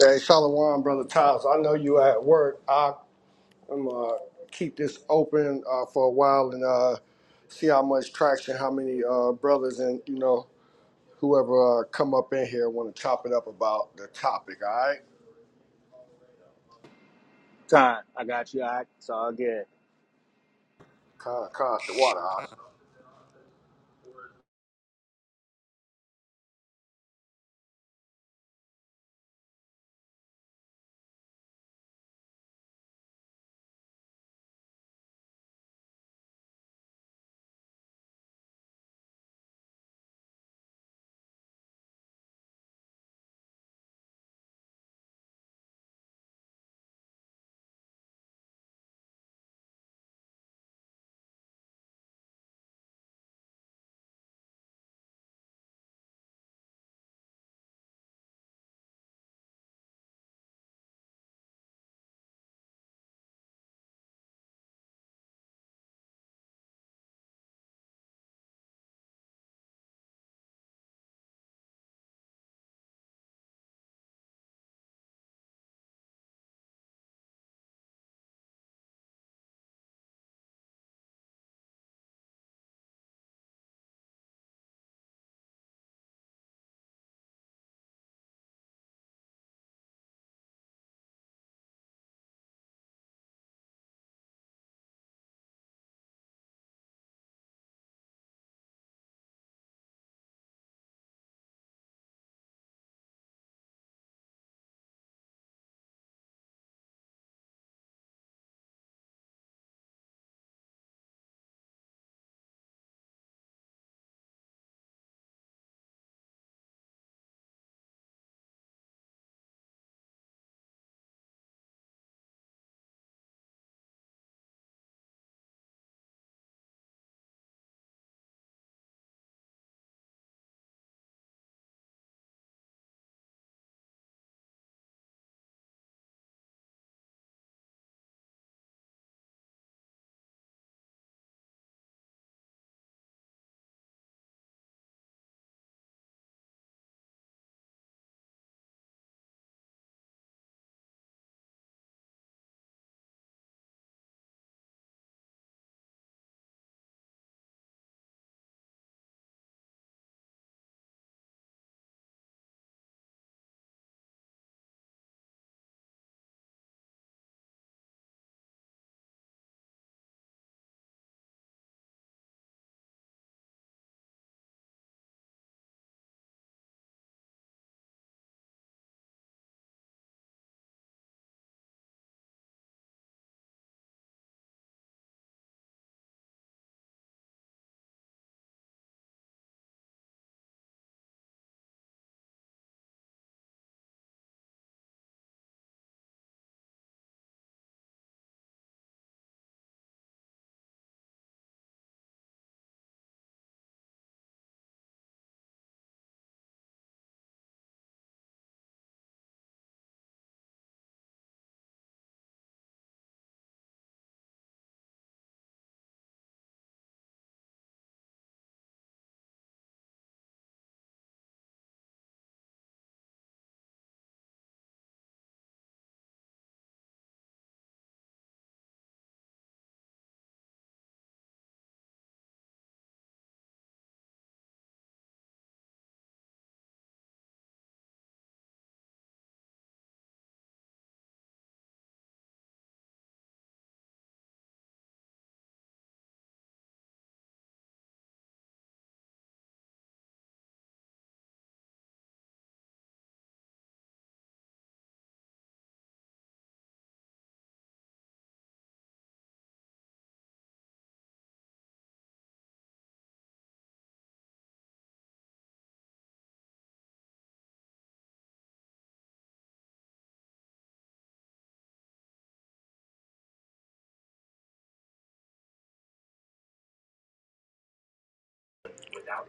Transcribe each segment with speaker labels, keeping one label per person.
Speaker 1: Hey, Shalom, brother Tiles. I know you at work. I am uh, keep this open uh, for a while and uh, see how much traction, how many uh, brothers and you know whoever uh, come up in here want to chop it up about the topic. All right,
Speaker 2: Con, I got you. I, it's all good.
Speaker 1: con, con, the water. All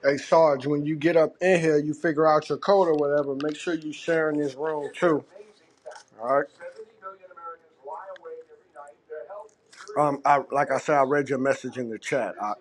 Speaker 1: right? Hey, Sarge, when you get up in here, you figure out your code or whatever. Make sure you sharing this room too. All right. Um, I like I said, I read your message in the chat. I,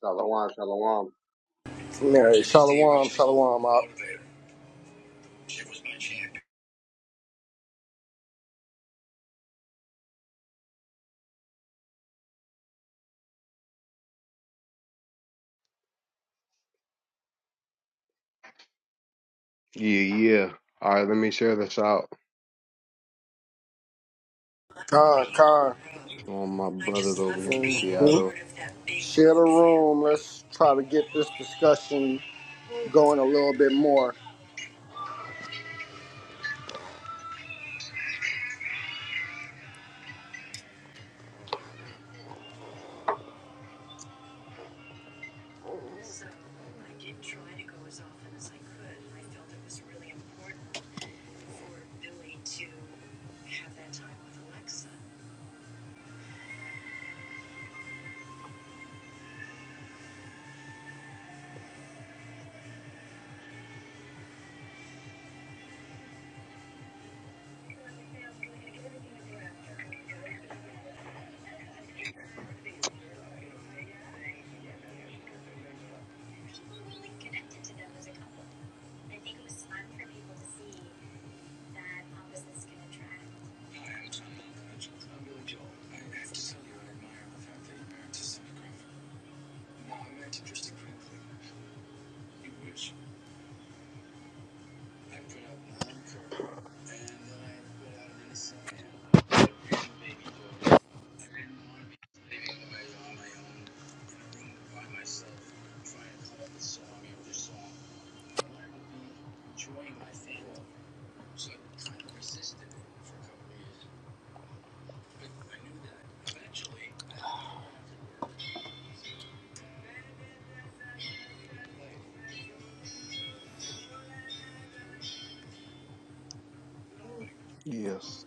Speaker 3: Shalom, shalom.
Speaker 1: yeah, Shalom, Shalom. Out.
Speaker 3: Yeah, yeah. All right, let me share this out
Speaker 1: Con, con.
Speaker 3: to all my brothers over here in
Speaker 1: hmm
Speaker 3: Seattle.
Speaker 1: Share the room. Let's try to get this discussion going a little bit more.
Speaker 3: Yes.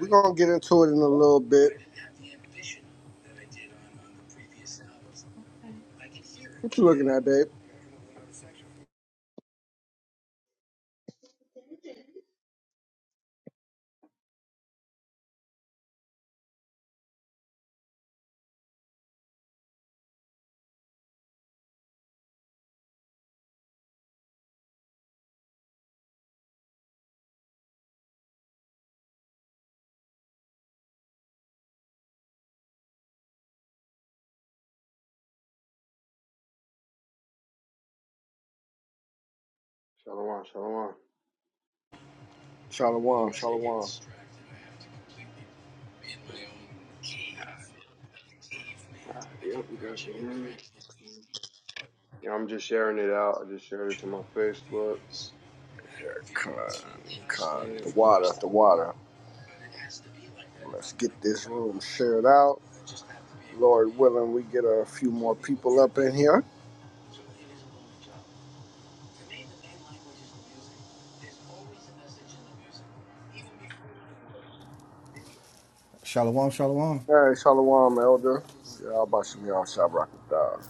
Speaker 1: We're gonna get into it in a little bit. What you looking at, babe?
Speaker 3: Shalom, shalom.
Speaker 1: Shalom, shalom.
Speaker 3: Uh, yep, you guys can hear me. Yeah, I'm just sharing it out. I just shared it to my Facebook.
Speaker 1: Con, con, the
Speaker 3: Quick.
Speaker 1: water, the water. Let's get this room shared out. Lord willing, we get a few more people up in here.
Speaker 4: Shalom, shalom.
Speaker 1: All right, Shalom, Elder. Yeah, I'll buy some y'all shop rocket dog.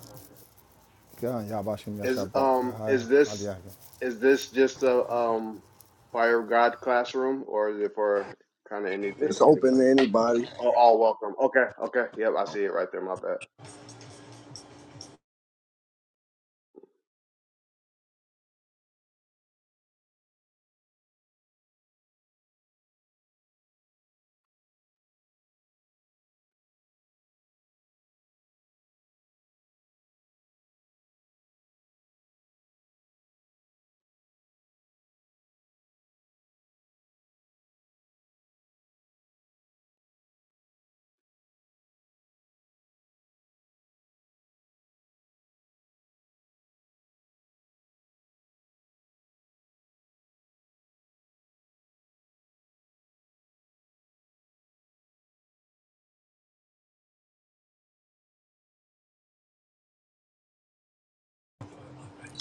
Speaker 4: God, Yabashim
Speaker 3: Is
Speaker 4: Yashab brought the
Speaker 3: um
Speaker 4: high
Speaker 3: is this
Speaker 4: Aliyah.
Speaker 3: is this just a um fire of God classroom or is it for kind of anything
Speaker 1: It's open
Speaker 3: anybody?
Speaker 1: to anybody.
Speaker 3: Oh, all welcome. Okay, okay. Yep, I see it right there. My bad.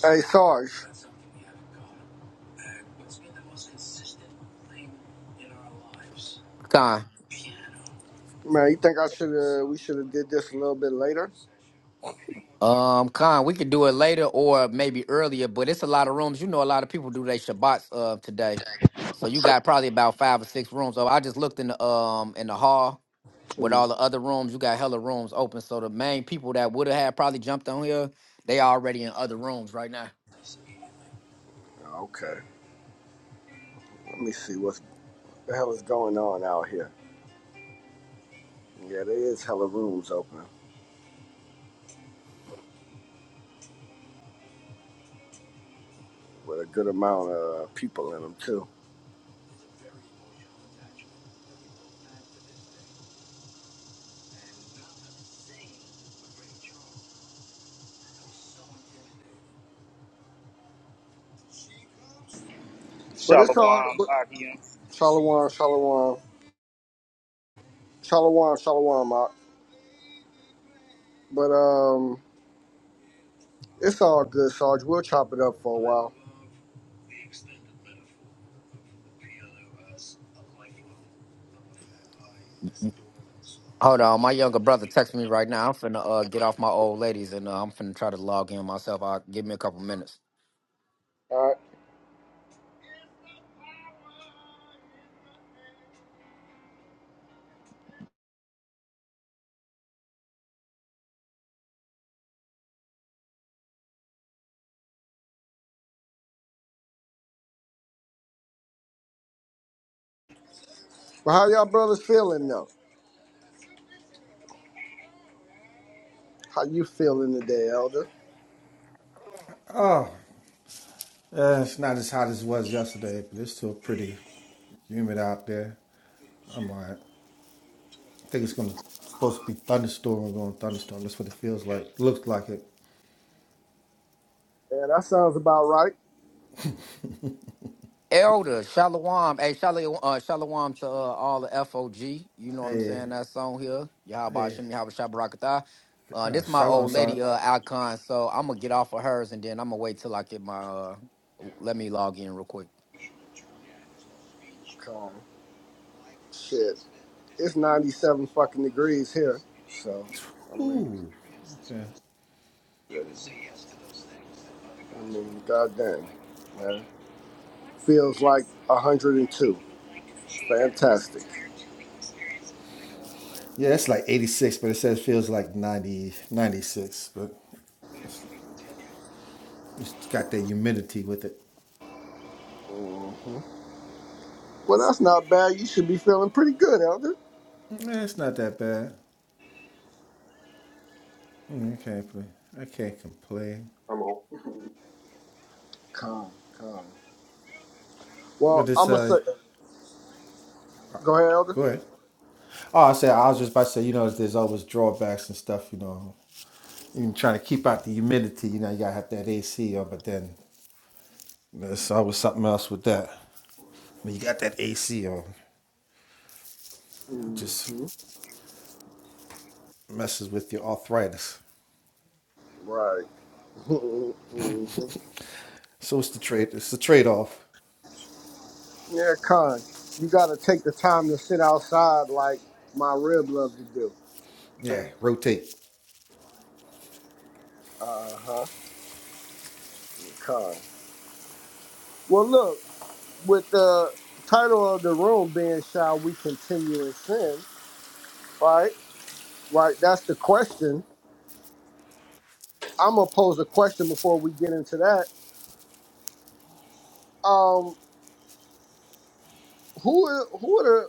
Speaker 1: Hey, Sarge,
Speaker 5: Con.
Speaker 1: man, you think I should have? We should have did this a little bit later.
Speaker 5: Um, Con, we could do it later or maybe earlier, but it's a lot of rooms. You know, a lot of people do their Shabbats uh today, so you got probably about five or six rooms. So I just looked in the um in the hall with
Speaker 1: Hmm.
Speaker 5: all the other rooms. You got hella rooms open, so the main people that would have had probably jumped on here, they already in other rooms right now.
Speaker 1: Okay, let me see what's what the hell is going on out here. Yeah, there is hella rooms open with a good amount of people in them too. But it's
Speaker 2: Shalom,
Speaker 1: all.
Speaker 2: Akim.
Speaker 1: Shalom, shalom, shalom, shalom, Mark. But um, it's all good, Sarge. We'll chop it up for a while.
Speaker 5: Hold on, my younger brother texting me right now. I'm finna uh, get off my old ladies and uh, I'm finna try to log in myself. I'll give me a couple minutes.
Speaker 1: All right. But how y'all brothers feeling though? How you feeling today, Elder?
Speaker 4: Uh, it's not as hot as it was yesterday, but it's still pretty humid out there. I'm alright. I think it's gonna supposed to be thunderstorm We're going thunderstorm. That's what it feels like. Looks like it.
Speaker 1: Yeah, that sounds about right.
Speaker 5: Elder Shalom, hey Shalom, uh, Shalom to uh, all the FOG. You know what I'm
Speaker 4: Hey,
Speaker 5: saying? That song here, Yahaba
Speaker 4: hey.
Speaker 5: Shem Yahaba Shabarakatah. Uh,
Speaker 4: Uh,
Speaker 5: this my
Speaker 4: shalom,
Speaker 5: old
Speaker 4: sorry.
Speaker 5: lady uh, icon, so I'm gonna get off of hers and then I'm gonna wait till I get my. Uh, let me log in real quick.
Speaker 1: Come, shit. It's ninety-seven fucking degrees here. So, I mean,
Speaker 4: Ooh. Okay.
Speaker 1: I mean, goddamn, man. Feels like hundred and two. Fantastic.
Speaker 4: Yeah, it's like 86, but it says it feels like 90, 96, but it's got that humidity with it.
Speaker 1: Mm. Well, that's not bad. You should be feeling pretty good, Elder.
Speaker 4: Yeah, it's not that bad. Mm, I can't I can't complain.
Speaker 3: Come on.
Speaker 4: What
Speaker 1: Well,
Speaker 4: this?
Speaker 1: I'm gonna say,
Speaker 4: Uh,
Speaker 1: go ahead, Elder.
Speaker 4: go ahead. Oh, I said I was just about to say. You know, there's always drawbacks and stuff. You know, even trying to keep out the humidity. You know, you gotta have that AC on, but then there's always something else with that. When you got that AC on, it just
Speaker 1: hmm
Speaker 4: messes with your arthritis.
Speaker 1: Right. hmm
Speaker 4: So it's the trade. It's the trade-off.
Speaker 1: Yeah, Con, you gotta take the time to sit outside like my rib love to do.
Speaker 4: Yeah, rotate.
Speaker 1: Uh huh. Con. Well, look, with the title of the room being "Shall We Continue in Sin?" Right. Right. That's the question. I'm gonna pose a question before we get into that. Um, who are who are the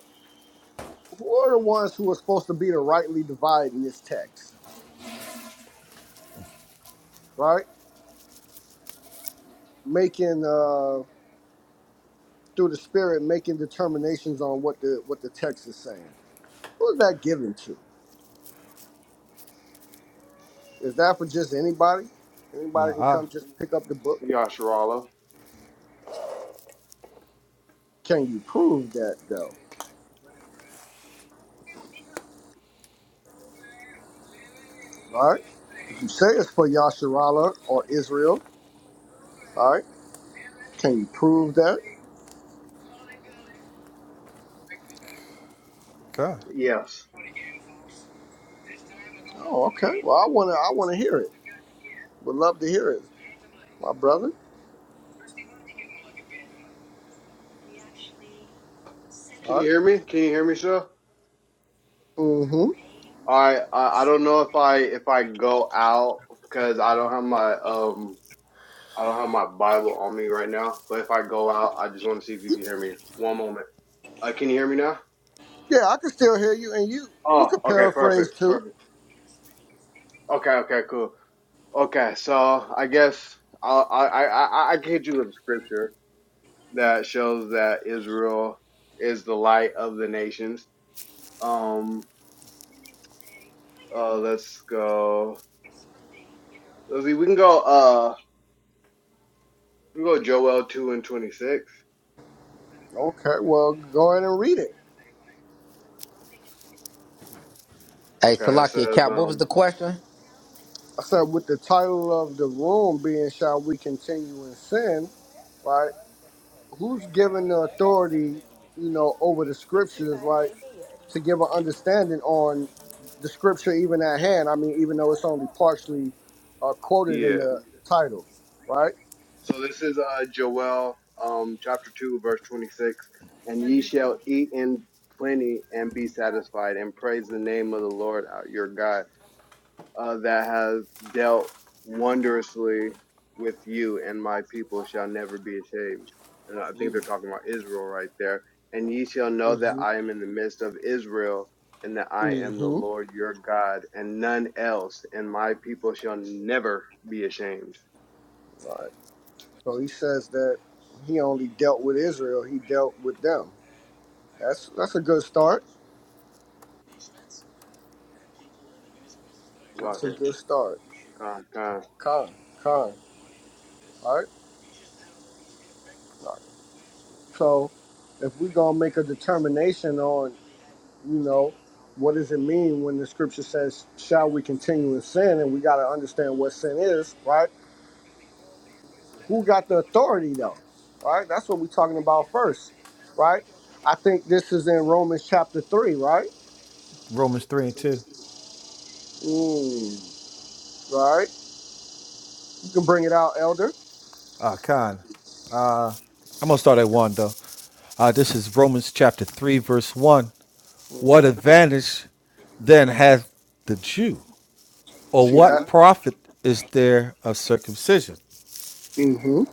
Speaker 1: who are the ones who are supposed to be the rightly dividing this text? Right. making uh, through the spirit making determinations on what the what the text is saying. Who is that given to? Is that for just anybody? Anybody can
Speaker 4: La
Speaker 1: come just pick up the book.
Speaker 3: Yasharala.
Speaker 1: Can you prove that though? All right. If you say it's for Yasharala or Israel, all right. Can you prove that?
Speaker 4: ah,
Speaker 3: Yes.
Speaker 1: Oh, okay. Well, I wanna I wanna hear it. Would love to hear it, my brother.
Speaker 3: Can
Speaker 1: All
Speaker 3: you
Speaker 1: right.
Speaker 3: hear me? Can you hear me, sir?
Speaker 1: Mm-hmm.
Speaker 3: All right. I, I don't know if I if I go out because I don't have my um I don't have my Bible on me right now. But if I go out, I just want to see if you can hear me. One moment. Uh, can you hear me now?
Speaker 1: Yeah, I can still hear you, and you you
Speaker 3: Oh,
Speaker 1: could
Speaker 3: okay.
Speaker 1: paraphrase
Speaker 3: Perfect.
Speaker 1: too.
Speaker 3: Perfect. Okay. Okay. Cool. Okay. So I guess I'll, I I I I can hit you with a scripture that shows that Israel is the light of the nations. Um. Uh. Let's go. Let's see. We can go. uh, We go Joel two and twenty six.
Speaker 1: Okay. Well, go ahead and read it.
Speaker 6: Hey,
Speaker 3: Okay, it
Speaker 6: Salakia
Speaker 3: says
Speaker 6: Cap, what was
Speaker 3: um
Speaker 6: the question?
Speaker 1: I said, with the title of the room being "Shall We Continue in Sin," right? Who's given the authority, you know, over the scriptures, right, to give an understanding on the scripture even at hand? I mean, even though it's only partially uh, quoted in
Speaker 3: yeah.
Speaker 1: the title, right?
Speaker 3: So this is uh Joel um chapter two verse twenty six, and ye shall eat in plenty and be satisfied, and praise the name of the Lord our, your God. uh, that has dealt wondrously with you and my people shall never be ashamed. And I think they're talking about Israel right there. And ye shall know that
Speaker 1: Mm-hmm.
Speaker 3: I am in the midst of Israel and that I am the
Speaker 1: Mm-hmm.
Speaker 3: Lord your God and none else. And my people shall never be ashamed.
Speaker 1: Right. So he says that he only dealt with Israel. He dealt with them. That's that's a good start. That's a
Speaker 3: Slacker.
Speaker 1: good start.
Speaker 3: Come, come,
Speaker 1: Con, con. All right. So if we gonna make a determination on, you know, what does it mean when the scripture says, shall we continue in sin? And we gotta understand what sin is, right? Who got the authority though? Right? That's what we're talking about first, right? I think this is in Romans chapter three, right?
Speaker 4: Romans three and two.
Speaker 1: Mm, right? You can bring it out, elder.
Speaker 4: Ah, con. I'm going to start at 1, though. Uh, this is Romans chapter 3, verse 1. What advantage then hath the Jew? Or
Speaker 1: See
Speaker 4: what
Speaker 1: that?
Speaker 4: profit is there of circumcision?
Speaker 1: Mm-hmm.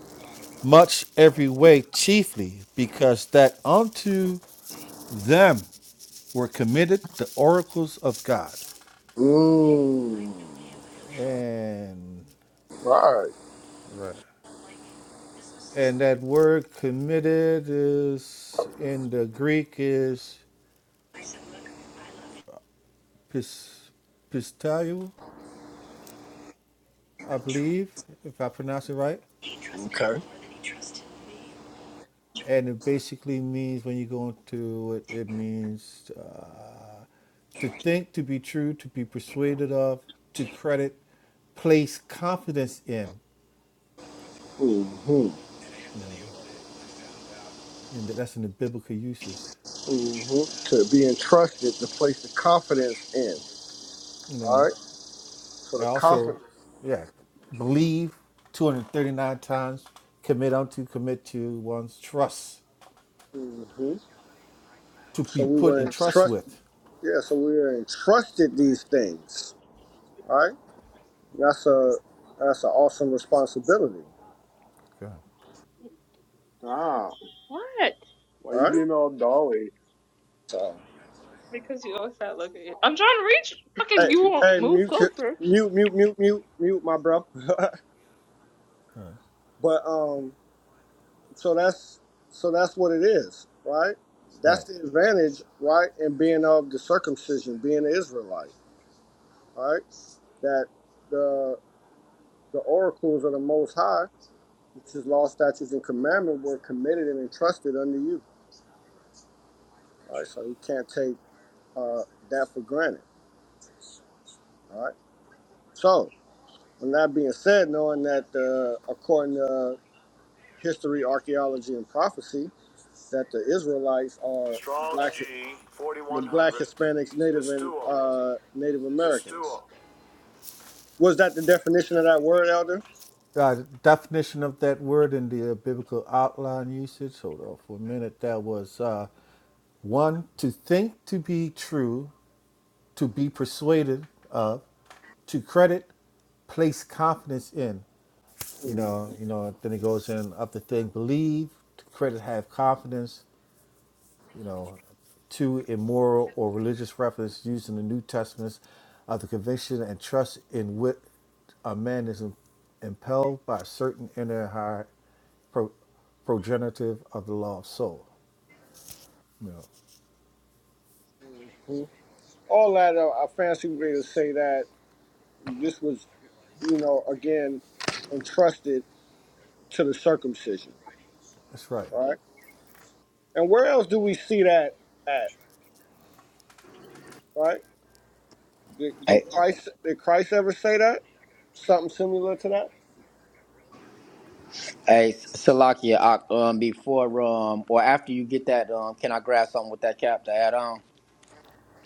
Speaker 4: Much every way, chiefly because that unto them were committed the oracles of God.
Speaker 1: Mm.
Speaker 4: And
Speaker 1: Right.
Speaker 4: right. And that word committed is in the Greek is pis, I believe, if I pronounce it right.
Speaker 1: Okay.
Speaker 4: And it basically means, when you go into it, it means uh, to think, to be true, to be persuaded of, to credit, place confidence in.
Speaker 1: Mm-hmm.
Speaker 4: You know, and that's in the biblical uses.
Speaker 1: hmm to be entrusted to place the confidence in.
Speaker 4: You
Speaker 1: All
Speaker 4: know,
Speaker 1: right, so
Speaker 4: and
Speaker 1: the
Speaker 4: also,
Speaker 1: confidence.
Speaker 4: yeah, believe 239 times, commit unto, commit to one's trust,
Speaker 1: hmm
Speaker 4: to
Speaker 1: So
Speaker 4: be
Speaker 1: we
Speaker 4: put
Speaker 1: were
Speaker 4: in trust
Speaker 1: entrusted.
Speaker 4: with.
Speaker 1: Yeah, so we were entrusted these things. All right, that's a that's an awesome responsibility.
Speaker 4: Okay,
Speaker 3: stop. What? Why
Speaker 1: All
Speaker 3: you
Speaker 1: right.
Speaker 3: being all dolly?
Speaker 1: So
Speaker 3: Because you always start looking. At I'm trying to reach. Fucking,
Speaker 1: hey,
Speaker 3: you won't
Speaker 1: hey,
Speaker 3: move
Speaker 1: mute,
Speaker 3: closer.
Speaker 1: mute, mute, mute, mute, mute, my bro. but um, so that's so that's what it is, right? That's
Speaker 4: Right.
Speaker 1: the advantage, right, in being of the circumcision, being an Israelite. all right, that the the oracles of the Most High, which is law, statutes, and commandment, were committed and entrusted unto you. All right, so you can't take uh, that for granted. All right. So, with that being said, knowing that uh, according to history, archaeology, and prophecy, that the Israelites are black, the black Hispanics, Native and uh, Native Americans. Was that the definition of that word, Elder?
Speaker 4: uh, definition of that word in the uh, biblical outline usage. Hold on for a minute. That was uh, one to think to be true, to be persuaded, uh, to credit, place confidence in. You
Speaker 1: Hmm.
Speaker 4: know, you know. Then it goes in up the thing. believe, to credit, have confidence, you know, two immoral or religious reference used in the New Testament of the conviction and trust in which a man is im- impelled by a certain inner high pro- progenitive of the law of soul. You know,
Speaker 1: All that uh, I fancy way to say that This was, you know, again, entrusted to the circumcision,
Speaker 4: that's right.
Speaker 1: right? And where else do we see that at, right? Did, did
Speaker 6: Hey,
Speaker 1: Christ did Christ ever say that? Something similar to that?
Speaker 6: hey Salakia, Ak, um, before um or after you get that um, can I grab something with that cap to add on?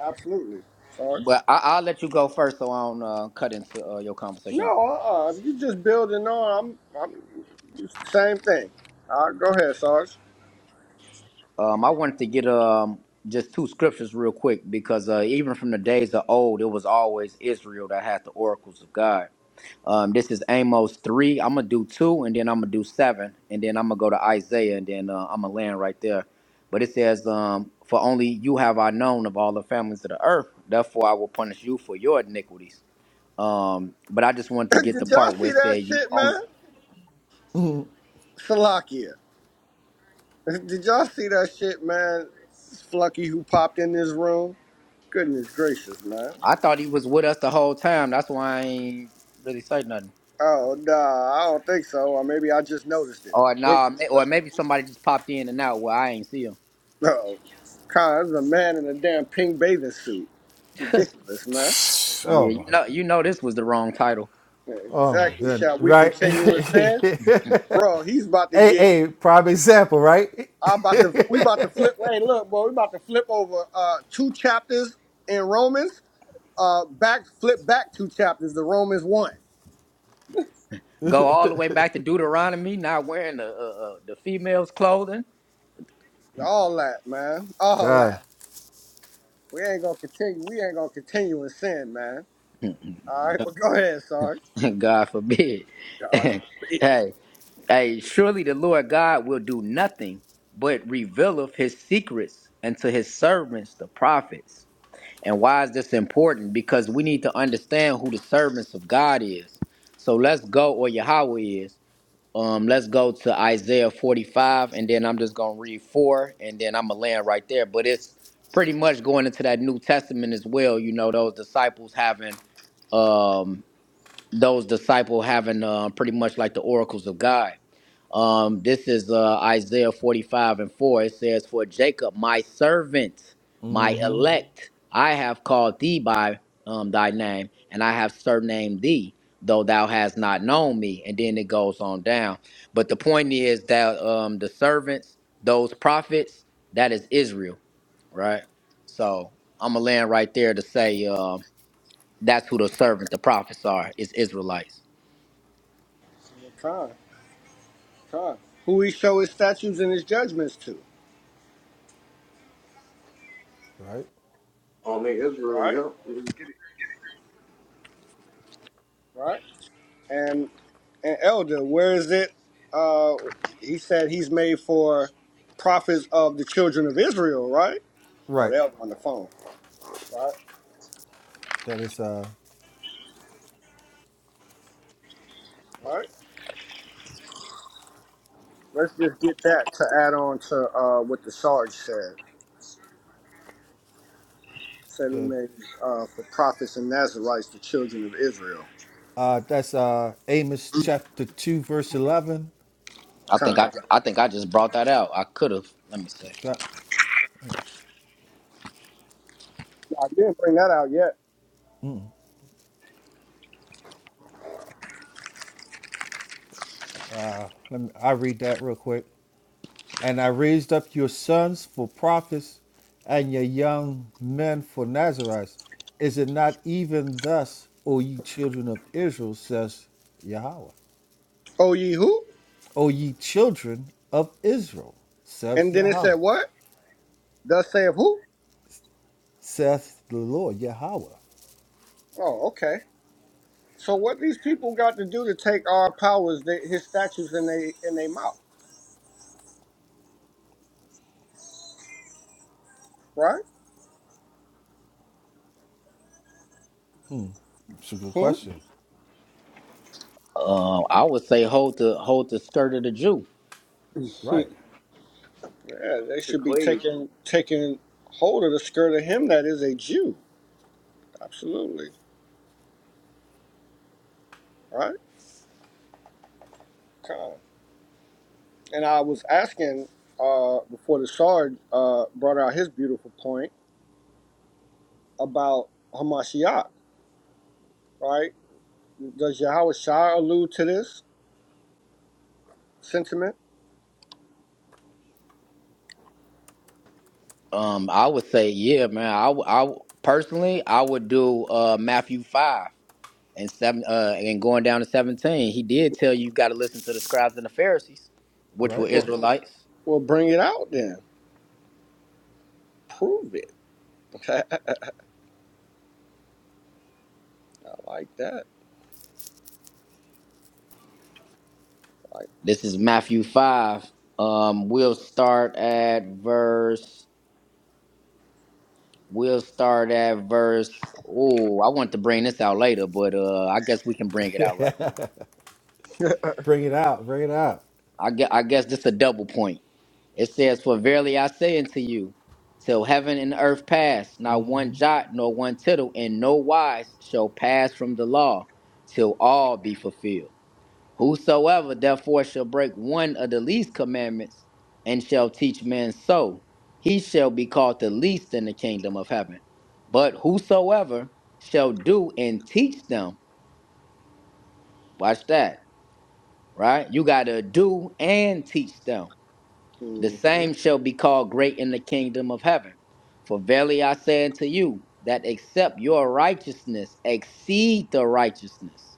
Speaker 1: Absolutely. Sorry.
Speaker 6: But I, I'll let you go first, so I don't uh, cut into uh, your
Speaker 1: No,
Speaker 6: conversation.
Speaker 1: uh-uh. If you just building on, I'm, I'm same thing. All right, go ahead, Sarge.
Speaker 6: Um, I wanted to get um just two scriptures real quick because uh, even from the days of old, it was always Israel that had the oracles of God. Um, this is Amos three. I'm gonna do two, and then I'm gonna do seven, and then I'm gonna go to Isaiah, and then uh, I'm gonna land right there. But it says, um, "For only you have I known of all the families of the earth; therefore I will punish you for your iniquities." Um, but I just wanted to get the
Speaker 1: Did y'all
Speaker 6: part where
Speaker 1: see
Speaker 6: it
Speaker 1: that
Speaker 6: said, "You
Speaker 1: shit,
Speaker 6: only."
Speaker 1: man? Salakia. Did y'all see that shit, man? Flucky who popped in this room? Goodness gracious, man.
Speaker 6: I thought he was with us the whole time. That's why I ain't really say nothing.
Speaker 1: Oh no, I don't think so. Or maybe I just noticed it.
Speaker 6: Or
Speaker 1: What?
Speaker 6: nah, ma- or maybe somebody just popped in and out where I ain't see him.
Speaker 1: No, Con, there's a man in a damn pink bathing suit. Ridiculous, man.
Speaker 6: Yeah,
Speaker 4: Oh
Speaker 6: you
Speaker 4: my,
Speaker 6: know, you know, this was the wrong title.
Speaker 1: Yeah,
Speaker 4: oh my
Speaker 1: Exactly.
Speaker 4: goodness,
Speaker 1: Shall we
Speaker 4: right?
Speaker 1: continue in
Speaker 4: hey,
Speaker 1: sin, bro? He's about to get.
Speaker 4: hey, prime example, right?
Speaker 1: I about to. We about to flip. Wait, look, bro. We about to flip over uh, two chapters in Romans. Uh, back flip back two chapters to Romans one.
Speaker 6: Go all the way back to Deuteronomy, not wearing the uh, uh, the female's clothing.
Speaker 1: All that, man. All
Speaker 4: God,
Speaker 1: that. We ain't gonna continue. We ain't gonna continue in sin, man. All right, but go ahead, Sarge.
Speaker 6: God forbid.
Speaker 1: God
Speaker 6: hey,
Speaker 1: forbid.
Speaker 6: hey, surely the Lord God will do nothing but revealeth His secrets unto His servants, the prophets. And why is this important? Because we need to understand who the servants of God is. So let's go, or Yahweh is. Um, let's go to Isaiah 45, and then I'm just gonna read four, and then I'm gonna land right there. But it's pretty much going into that New Testament as well. You know, those disciples having um, those disciple having uh, pretty much like the oracles of God. Um, this is uh, Isaiah 45 and 4. It says, For Jacob, my servant, my elect, I have called thee by um, thy name, and I have surnamed thee, though thou hast not known me. And then it goes on down. But the point is that um, the servants, those prophets, that is Israel, right? So I'm going to land right there to say um that's who the servant, the prophets are, is Israelites.
Speaker 1: Con, con. Who he show his statutes and his judgments to,
Speaker 4: right,
Speaker 3: Only
Speaker 1: right?
Speaker 3: Israel, yeah. Get it
Speaker 1: Right. And and elder, where is it? Uh, he said he's made for prophets of the children of Israel, right? Oh,
Speaker 4: right.
Speaker 1: they're on the phone, right?
Speaker 4: That is uh,
Speaker 1: Right. Let's just get that to add on to uh, what the Sarge said. Said he
Speaker 4: the,
Speaker 1: made uh, for prophets and Nazarites, the children of Israel.
Speaker 4: uh, that's uh Amos chapter two verse eleven.
Speaker 6: I think
Speaker 1: Con.
Speaker 6: I, I think I just brought that out. I could have. Let me see.
Speaker 4: God,
Speaker 1: I didn't bring that out yet.
Speaker 4: let me, I read that real quick. And I raised up your sons for prophets and your young men for Nazarites. Is it not even thus, O ye children of Israel, says Yahweh?
Speaker 1: Oh, ye who?
Speaker 4: O ye children of Israel,
Speaker 1: And
Speaker 4: says
Speaker 1: then it said
Speaker 4: Yahweh.
Speaker 1: what? Thus saith who?
Speaker 4: Saith the Lord, Yahweh.
Speaker 1: Oh, okay. So what these people got to do to take our powers, they, his statues in they in their mouth, right?
Speaker 4: It's a good
Speaker 1: Hmm?
Speaker 4: question.
Speaker 6: Um, I would say hold the hold the skirt of the Jew.
Speaker 4: Right,
Speaker 1: yeah, they
Speaker 3: to
Speaker 1: should be
Speaker 3: clay.
Speaker 1: taking taking hold of the skirt of him that is a Jew. Absolutely, right? Okay. And I was asking uh, before the Sarge uh, brought out his beautiful point about Hamashiach, right? Does Yahweh Shah allude to this sentiment?
Speaker 6: Um, I would say yeah, man. I, w- I w- personally I would do uh, Matthew five and seven uh, and going down to seventeen. He did tell you you got to listen to the scribes and the Pharisees, which were
Speaker 4: right.
Speaker 1: Well,
Speaker 6: Israelites.
Speaker 1: well, bring it out then. Prove it. I like that. Like,
Speaker 6: This is Matthew five. Um, we'll start at verse. We'll start at verse. Oh, I want to bring this out later, but uh, I guess we can bring it out right now.
Speaker 4: bring it out, bring it out.
Speaker 6: I guess, I guess this is a double point. It says, For verily I say unto you, till heaven and earth pass, not one jot nor one tittle in no wise shall pass from the law, till all be fulfilled. Whosoever therefore shall break one of the least commandments, and shall teach men so, he shall be called the least in the kingdom of heaven. But whosoever shall do and teach them, watch that, right? You got to do and teach them the
Speaker 1: mm-hmm.
Speaker 6: same shall be called great in the kingdom of heaven. For verily I say unto you, that except your righteousness exceed the righteousness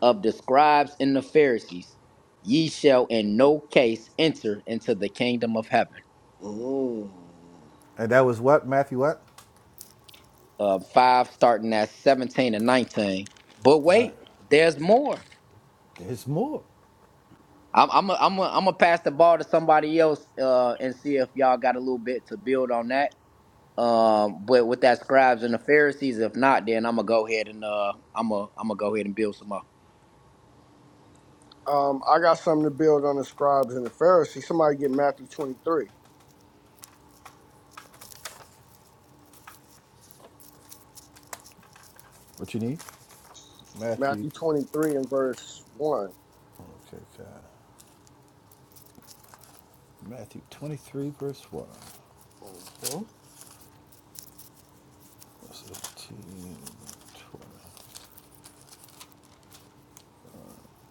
Speaker 6: of the scribes and the Pharisees, ye shall in no case enter into the kingdom of heaven.
Speaker 1: Ooh.
Speaker 4: And that was what, Matthew what?
Speaker 6: Uh, 5, starting at 17 and 19. But
Speaker 4: Right.
Speaker 6: wait, there's more.
Speaker 4: There's more.
Speaker 6: I'm I'm i I'm i am i am i am i am am going to pass the ball to somebody else uh, and see if y'all got a little bit to build on that. Um, but with that scribes and the Pharisees, if not, then I'm gonna go ahead and uh, I'm gonna I'm gonna go ahead and build some more.
Speaker 1: Um, I got something to build on the scribes and the Pharisees. Somebody get Matthew 23.
Speaker 4: What you need? Matthew
Speaker 1: Matthew 23 and verse 1.
Speaker 4: Okay, God. Matthew 23, verse 1.
Speaker 1: hmm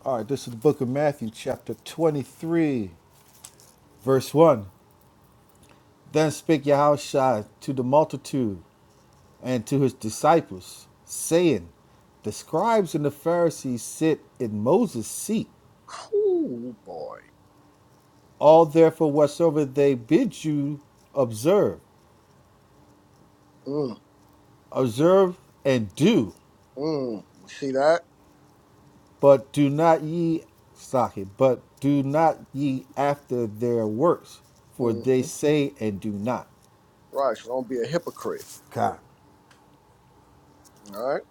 Speaker 4: All right, this is the book of Matthew, chapter 23, verse 1. Then spake Yahushua to the multitude and to his disciples, saying, The scribes and the Pharisees sit in Moses' seat.
Speaker 1: Ooh, boy.
Speaker 4: All therefore whatsoever they bid you observe,
Speaker 1: Mm,
Speaker 4: observe and do,
Speaker 1: mm. We see that?
Speaker 4: But do not ye stock it. but do not ye after their works, for
Speaker 1: hmm
Speaker 4: they say and do not.
Speaker 1: Right, so don't be a hypocrite.
Speaker 4: God.
Speaker 1: All right?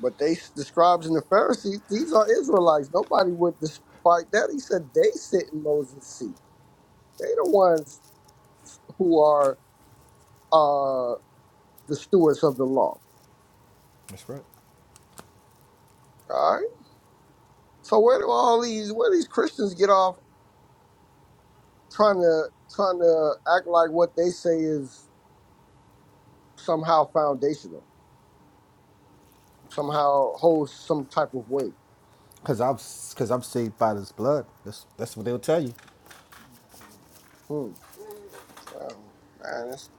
Speaker 1: But they, the scribes and the Pharisees, these are Israelites. Nobody would despite that. He said they sit in Moses' seat. They the ones who are uh, the stewards of the law.
Speaker 4: That's right.
Speaker 1: All right? So where do all these where do these Christians get off trying to trying to act like what they say is somehow foundational, somehow holds some type of weight?
Speaker 4: Cause I'm, cause I'm saved by this blood. That's that's what they'll tell you.
Speaker 1: Hmm. Wow. Man, that's,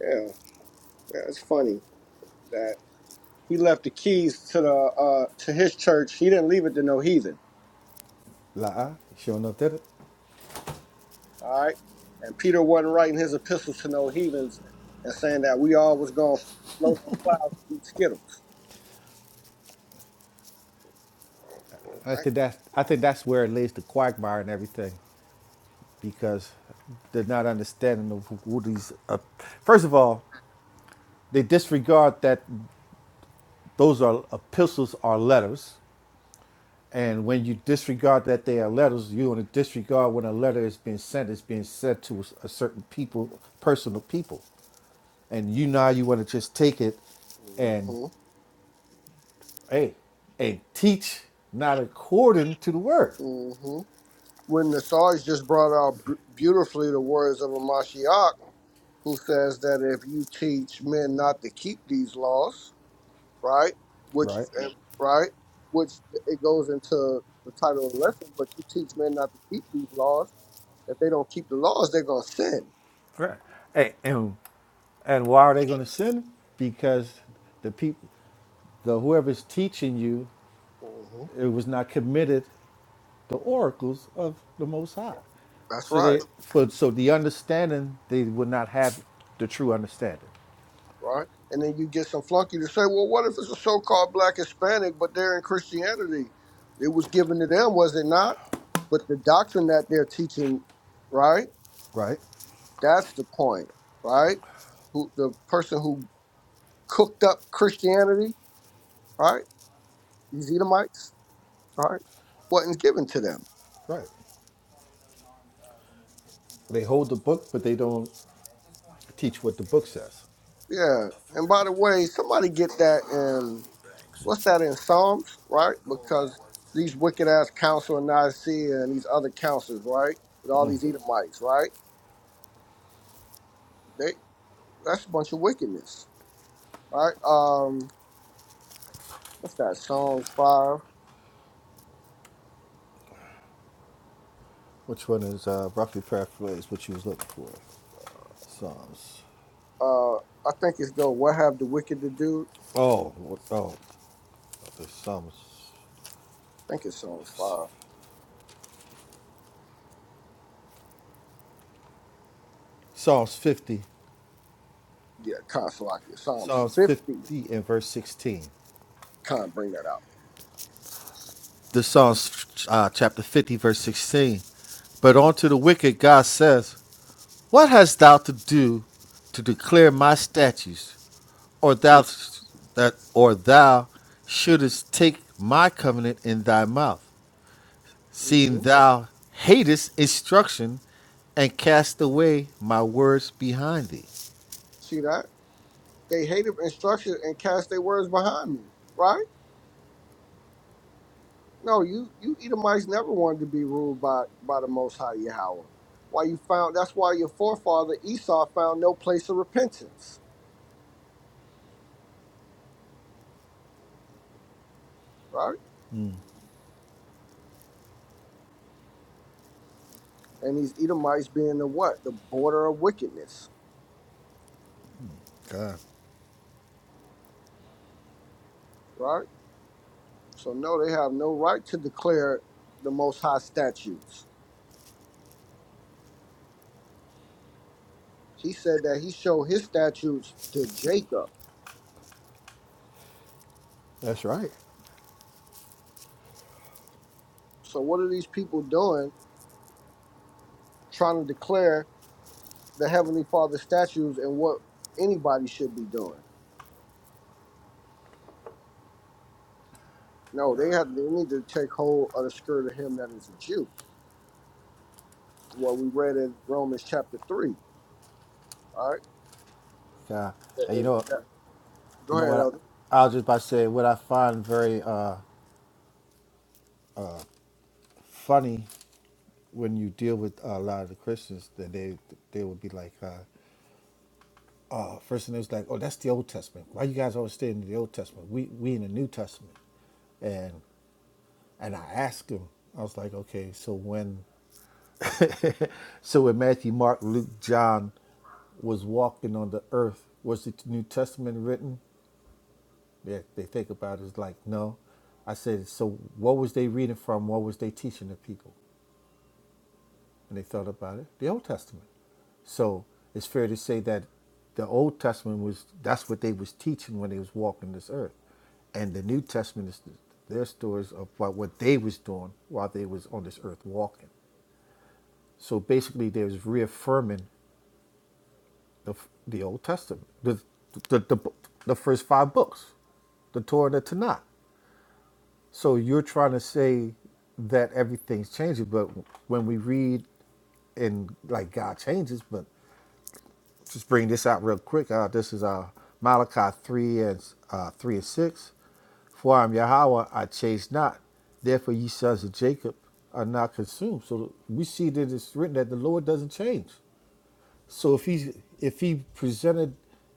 Speaker 1: yeah, yeah, it's funny that he left the keys to the uh, to his church. He didn't leave it to no heathen.
Speaker 4: Like, uh, sure enough, did it.
Speaker 1: All right, and Peter wasn't writing his epistles to no heathens and saying that we all was gonna float on clouds and eat skittles.
Speaker 4: I
Speaker 1: All right.
Speaker 4: think that's I think that's where it lays the quagmire and everything, because they're not understanding of who who these. Uh, first of all, they disregard that those are epistles are letters. And when you disregard that they are letters, you want to disregard when a letter is being sent. It's being sent to a certain people, personal people, and you now you want to just take it and
Speaker 1: Mm-hmm.
Speaker 4: hey, and teach not according to the word,
Speaker 1: Mm-hmm. when the Sarge just brought out b- beautifully the words of a Mashiach who says that if you teach men not to keep these laws, right, which
Speaker 4: right?
Speaker 1: and, right, which it goes into the title of the lesson, but you teach men not to keep these laws. If they don't keep the laws, they're gonna sin.
Speaker 4: Right. Hey, and, and why are they going to sin? Because the people, the whoever's teaching you,
Speaker 1: hmm
Speaker 4: it was not committed the oracles of the Most High.
Speaker 1: That's
Speaker 4: So
Speaker 1: right,
Speaker 4: they for so the understanding they would not have the true understanding.
Speaker 1: right. And then you get some flunky to say, well, what if it's a so-called black Hispanic, but they're in Christianity? It was given to them, was it not? But the doctrine that they're teaching, right?
Speaker 4: Right?
Speaker 1: That's the point, right? Who the person who cooked up Christianity, right? These Edomites, right? Wasn't given to them.
Speaker 4: Right. They hold the book, but they don't teach what the book says.
Speaker 1: Yeah. And by the way, somebody get that in what's that in Psalms, right? Because these wicked ass counsel in Nicaea and these other counsels, right? With all these Edomites, right? They that's a bunch of wickedness, right? Um, what's that? Psalms five.
Speaker 4: Which one is uh, roughly paraphrased what you was looking for? Psalms.
Speaker 1: Uh, I think it's go. What have the wicked to do?
Speaker 4: Oh, oh, Psalms,
Speaker 1: I think it's Psalms five
Speaker 4: Psalms fifty,
Speaker 1: Yeah, Kansalaki. Psalms
Speaker 4: Psalms
Speaker 1: 50
Speaker 4: fifty and verse sixteen.
Speaker 1: kind of bring that out.
Speaker 4: The Psalms, uh, chapter fifty, verse sixteen. But unto the wicked, God says, What hast thou to do to declare my statutes, or thou that or thou shouldest take my covenant in thy mouth, seeing
Speaker 1: hmm
Speaker 4: thou hatest instruction and cast away my words behind thee?
Speaker 1: See that? They hated instruction and cast their words behind me, right? No, you you Edomites never wanted to be ruled by by the Most High Yahweh. Why you found? That's why your forefather Esau found no place of repentance, right? And these Edomites being the what? The border of wickedness, right? So no, they have no right to declare the Most High statutes. He said that he showed his statutes to Jacob
Speaker 4: That's right.
Speaker 1: So what are these people doing trying to declare the Heavenly Father statues and what anybody should be doing? No, they have they need to take hold of the skirt of him that is a Jew. What we read in Romans chapter three. All right.
Speaker 4: Yeah. And you
Speaker 1: if
Speaker 4: know,
Speaker 1: that- go
Speaker 4: you know
Speaker 1: ahead,
Speaker 4: what?
Speaker 1: Elder.
Speaker 4: I, I'll just by saying what I find very uh, funny when you deal with uh, a lot of the Christians that they they would be like. uh, uh, first and it was like, oh, that's the Old Testament. Why you guys always stay in the Old Testament? We we in the New Testament. And and I asked him, I was like, okay, so when so when Matthew, Mark, Luke, John was walking on the earth, was the New Testament written? They, they think about it, it's like, no. I said, so what was they reading from? What was they teaching the people? when they thought about it, the Old Testament. So it's fair to say that the Old Testament was that's what they was teaching when they was walking this earth, and the New Testament is their stories of what, what they was doing while they was on this earth walking. So basically, they was reaffirming the the Old Testament, the the the, the, the first five books, the Torah and the Tanakh. So you're trying to say that everything's changing, but when we read and like God changes, but just bring this out real quick. Uh, this is uh, Malachi 3 and uh, 3 and 6. For I am Yahweh, I chase not. Therefore, ye sons of Jacob are not consumed. So we see that it's written that the Lord doesn't change. So if he if he presented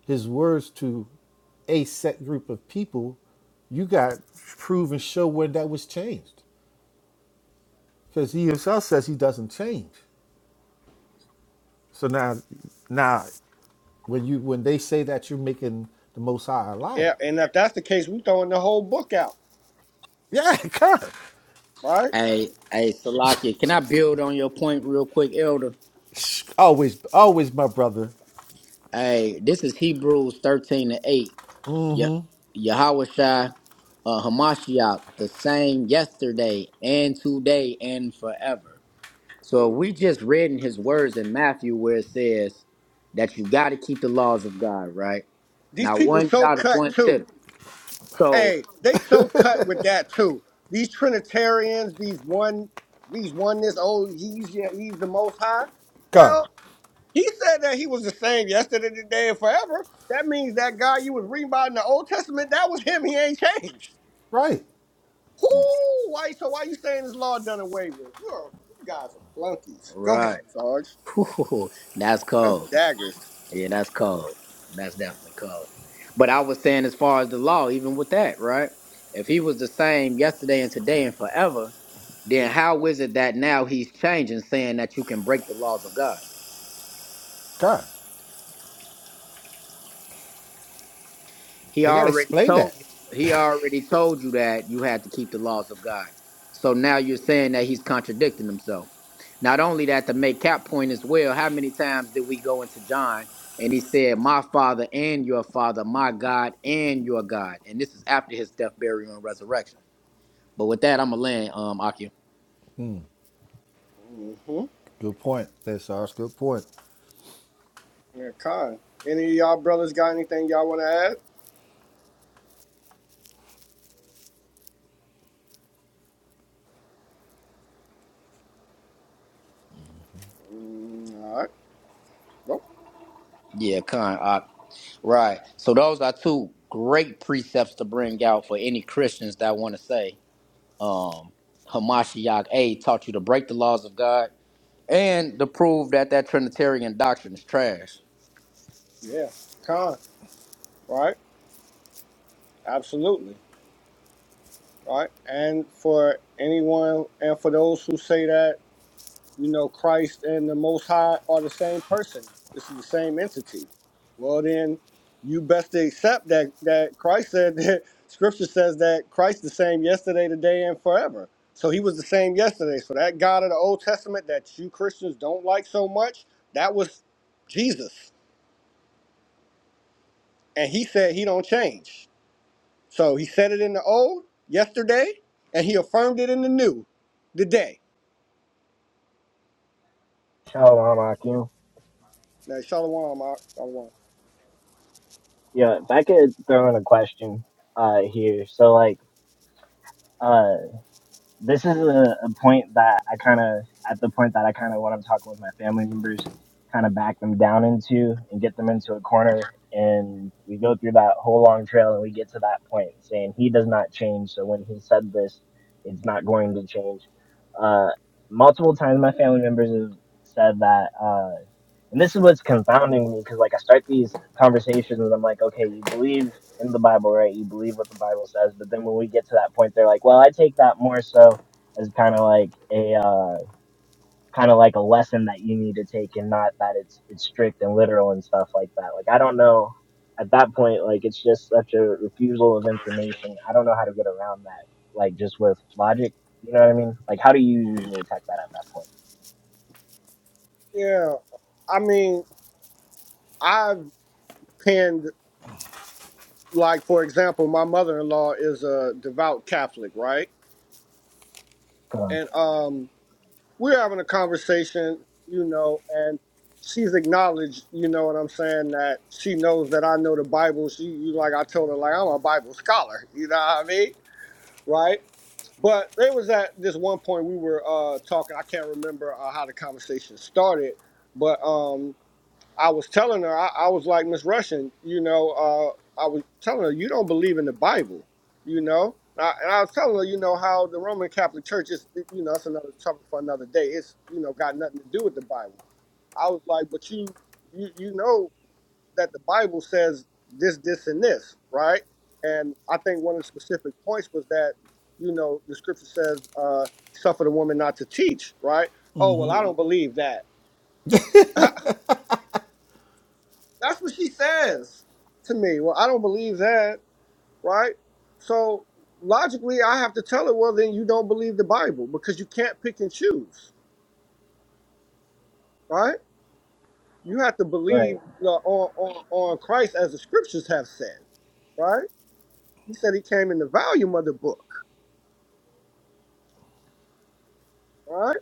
Speaker 4: his words to a set group of people, you got prove and show when that was changed, because he himself says he doesn't change. So now, now When you when they say that you're making the Most High a liar,
Speaker 1: Yeah, and if that's the case, we throwing the whole book out,
Speaker 4: Yeah, God.
Speaker 1: right?
Speaker 6: Hey, hey, Salakia, can I build on your point real quick, Elder?
Speaker 4: Always, always my brother.
Speaker 6: Hey, this is Hebrews 13 to 8. Yep. Yahweh Shai, uh, Hamashiach, the same yesterday and today and forever. So we just read in his words in Matthew where it says that you got to keep the laws of God, right?
Speaker 1: These
Speaker 6: Now,
Speaker 1: people
Speaker 6: one
Speaker 1: so
Speaker 6: jot or
Speaker 1: cut
Speaker 6: one
Speaker 1: too.
Speaker 6: tittle. So,
Speaker 1: Hey, they so cut with that too. These Trinitarians, these one, these oneness. Oh, he's yeah, he's the Most High.
Speaker 4: God.
Speaker 1: Well, He said that he was the same yesterday, today, and forever. That means that guy you was reading about in the Old Testament, that was him. He ain't changed.
Speaker 4: right?
Speaker 1: Whoo! Why? So why you saying this law done away with? You're you guys are flunkies. Go ahead,
Speaker 6: right.
Speaker 1: Sarge.
Speaker 6: Whew, that's cold.
Speaker 1: Daggers.
Speaker 6: Yeah, that's cold. That's definitely cold. But I was saying, as far as the law, even with that, right? If he was the same yesterday and today and forever, then how is it that now he's changing, saying that you can break the laws of God?
Speaker 4: God.
Speaker 6: He
Speaker 4: They gotta
Speaker 6: already
Speaker 4: explain that.
Speaker 6: told you. He already told you that you had to keep the laws of God. So now you're saying that he's contradicting himself. Not only that, to make cap point as well. How many times did we go into John and he said, "My Father and your Father, my God and your God," and this is after his death, burial, and resurrection. But with that, I'm going to land, um, Akia.
Speaker 1: Mm-hmm.
Speaker 4: Good point, that's Sarge. Good point.
Speaker 1: Yeah, Con. Any of y'all brothers got anything y'all want to add? Mm, all right. Well,
Speaker 6: Yeah, Khan. Uh, right. So those are two great precepts to bring out for any Christians that want to say um, Hamashiach A taught you to break the laws of God and to prove that that Trinitarian doctrine is trash.
Speaker 1: yeah. Con. Right. Absolutely. Right. And for anyone, and for those who say that. You know, Christ and the Most High are the same person. This is the same entity. Well, then you best to accept that that Christ said that Scripture says that Christ the same yesterday, today, and forever. So he was the same yesterday. So that God of the Old Testament that you Christians don't like so much, that was Jesus, and he said he don't change. So he said it in the old yesterday, and he affirmed it in the new today.
Speaker 7: Shalom, Akim.
Speaker 1: Now, Shalom, Mark. Shalom.
Speaker 7: Yeah, if I could throw in a question uh, here. So, like, uh, this is a, a point that I kind of at the point that I kind of when I'm talking with my family members, kind of back them down into and get them into a corner, and we go through that whole long trail and we get to that point saying he does not change. So when he said this, it's not going to change. Uh, multiple times my family members have said that, uh, and this is what's confounding me because like I start these conversations and I'm like, okay, you believe in the Bible, right? You believe what the Bible says, but then when we get to that point, they're like, well, I take that more so as kind of like a uh, kind of like a lesson that you need to take, and not that it's it's strict and literal and stuff like that. Like I don't know at that point, like it's just such a refusal of information. I don't know how to get around that, like just with logic. You know what I mean? Like how do you usually attack that at that point?
Speaker 1: Yeah, I mean, I've pinned like for example, my mother-in-law is a devout Catholic, right?
Speaker 7: Come on.
Speaker 1: And um we're having a conversation, you know, and she's acknowledged, you know what I'm saying, that she knows that I know the Bible. She you like I told her like I'm a Bible scholar, you know what I mean? Right? But there was at this one point we were uh talking, I can't remember uh, how the conversation started, but um I was telling her, I, I was like, Miss Russian, you know, uh, I was telling her, you don't believe in the Bible, you know? And I, and I was telling her, you know, how the Roman Catholic Church is, you know, that's another topic for another day. It's, you know, got nothing to do with the Bible. I was like, but you, you, you know that the Bible says this, this, and this, right? And I think one of the specific points was that, you know, the scripture says, uh, suffer the woman not to teach, right? Oh, well, I hmm don't believe that That's what she says to me. Well, I don't believe that, right? So logically, I have to tell her, well, then you don't believe the Bible because you can't pick and choose, right? You have to
Speaker 7: Right.
Speaker 1: believe uh, on, on, on Christ as the scriptures have said, right? He said he came in the volume of the book, right?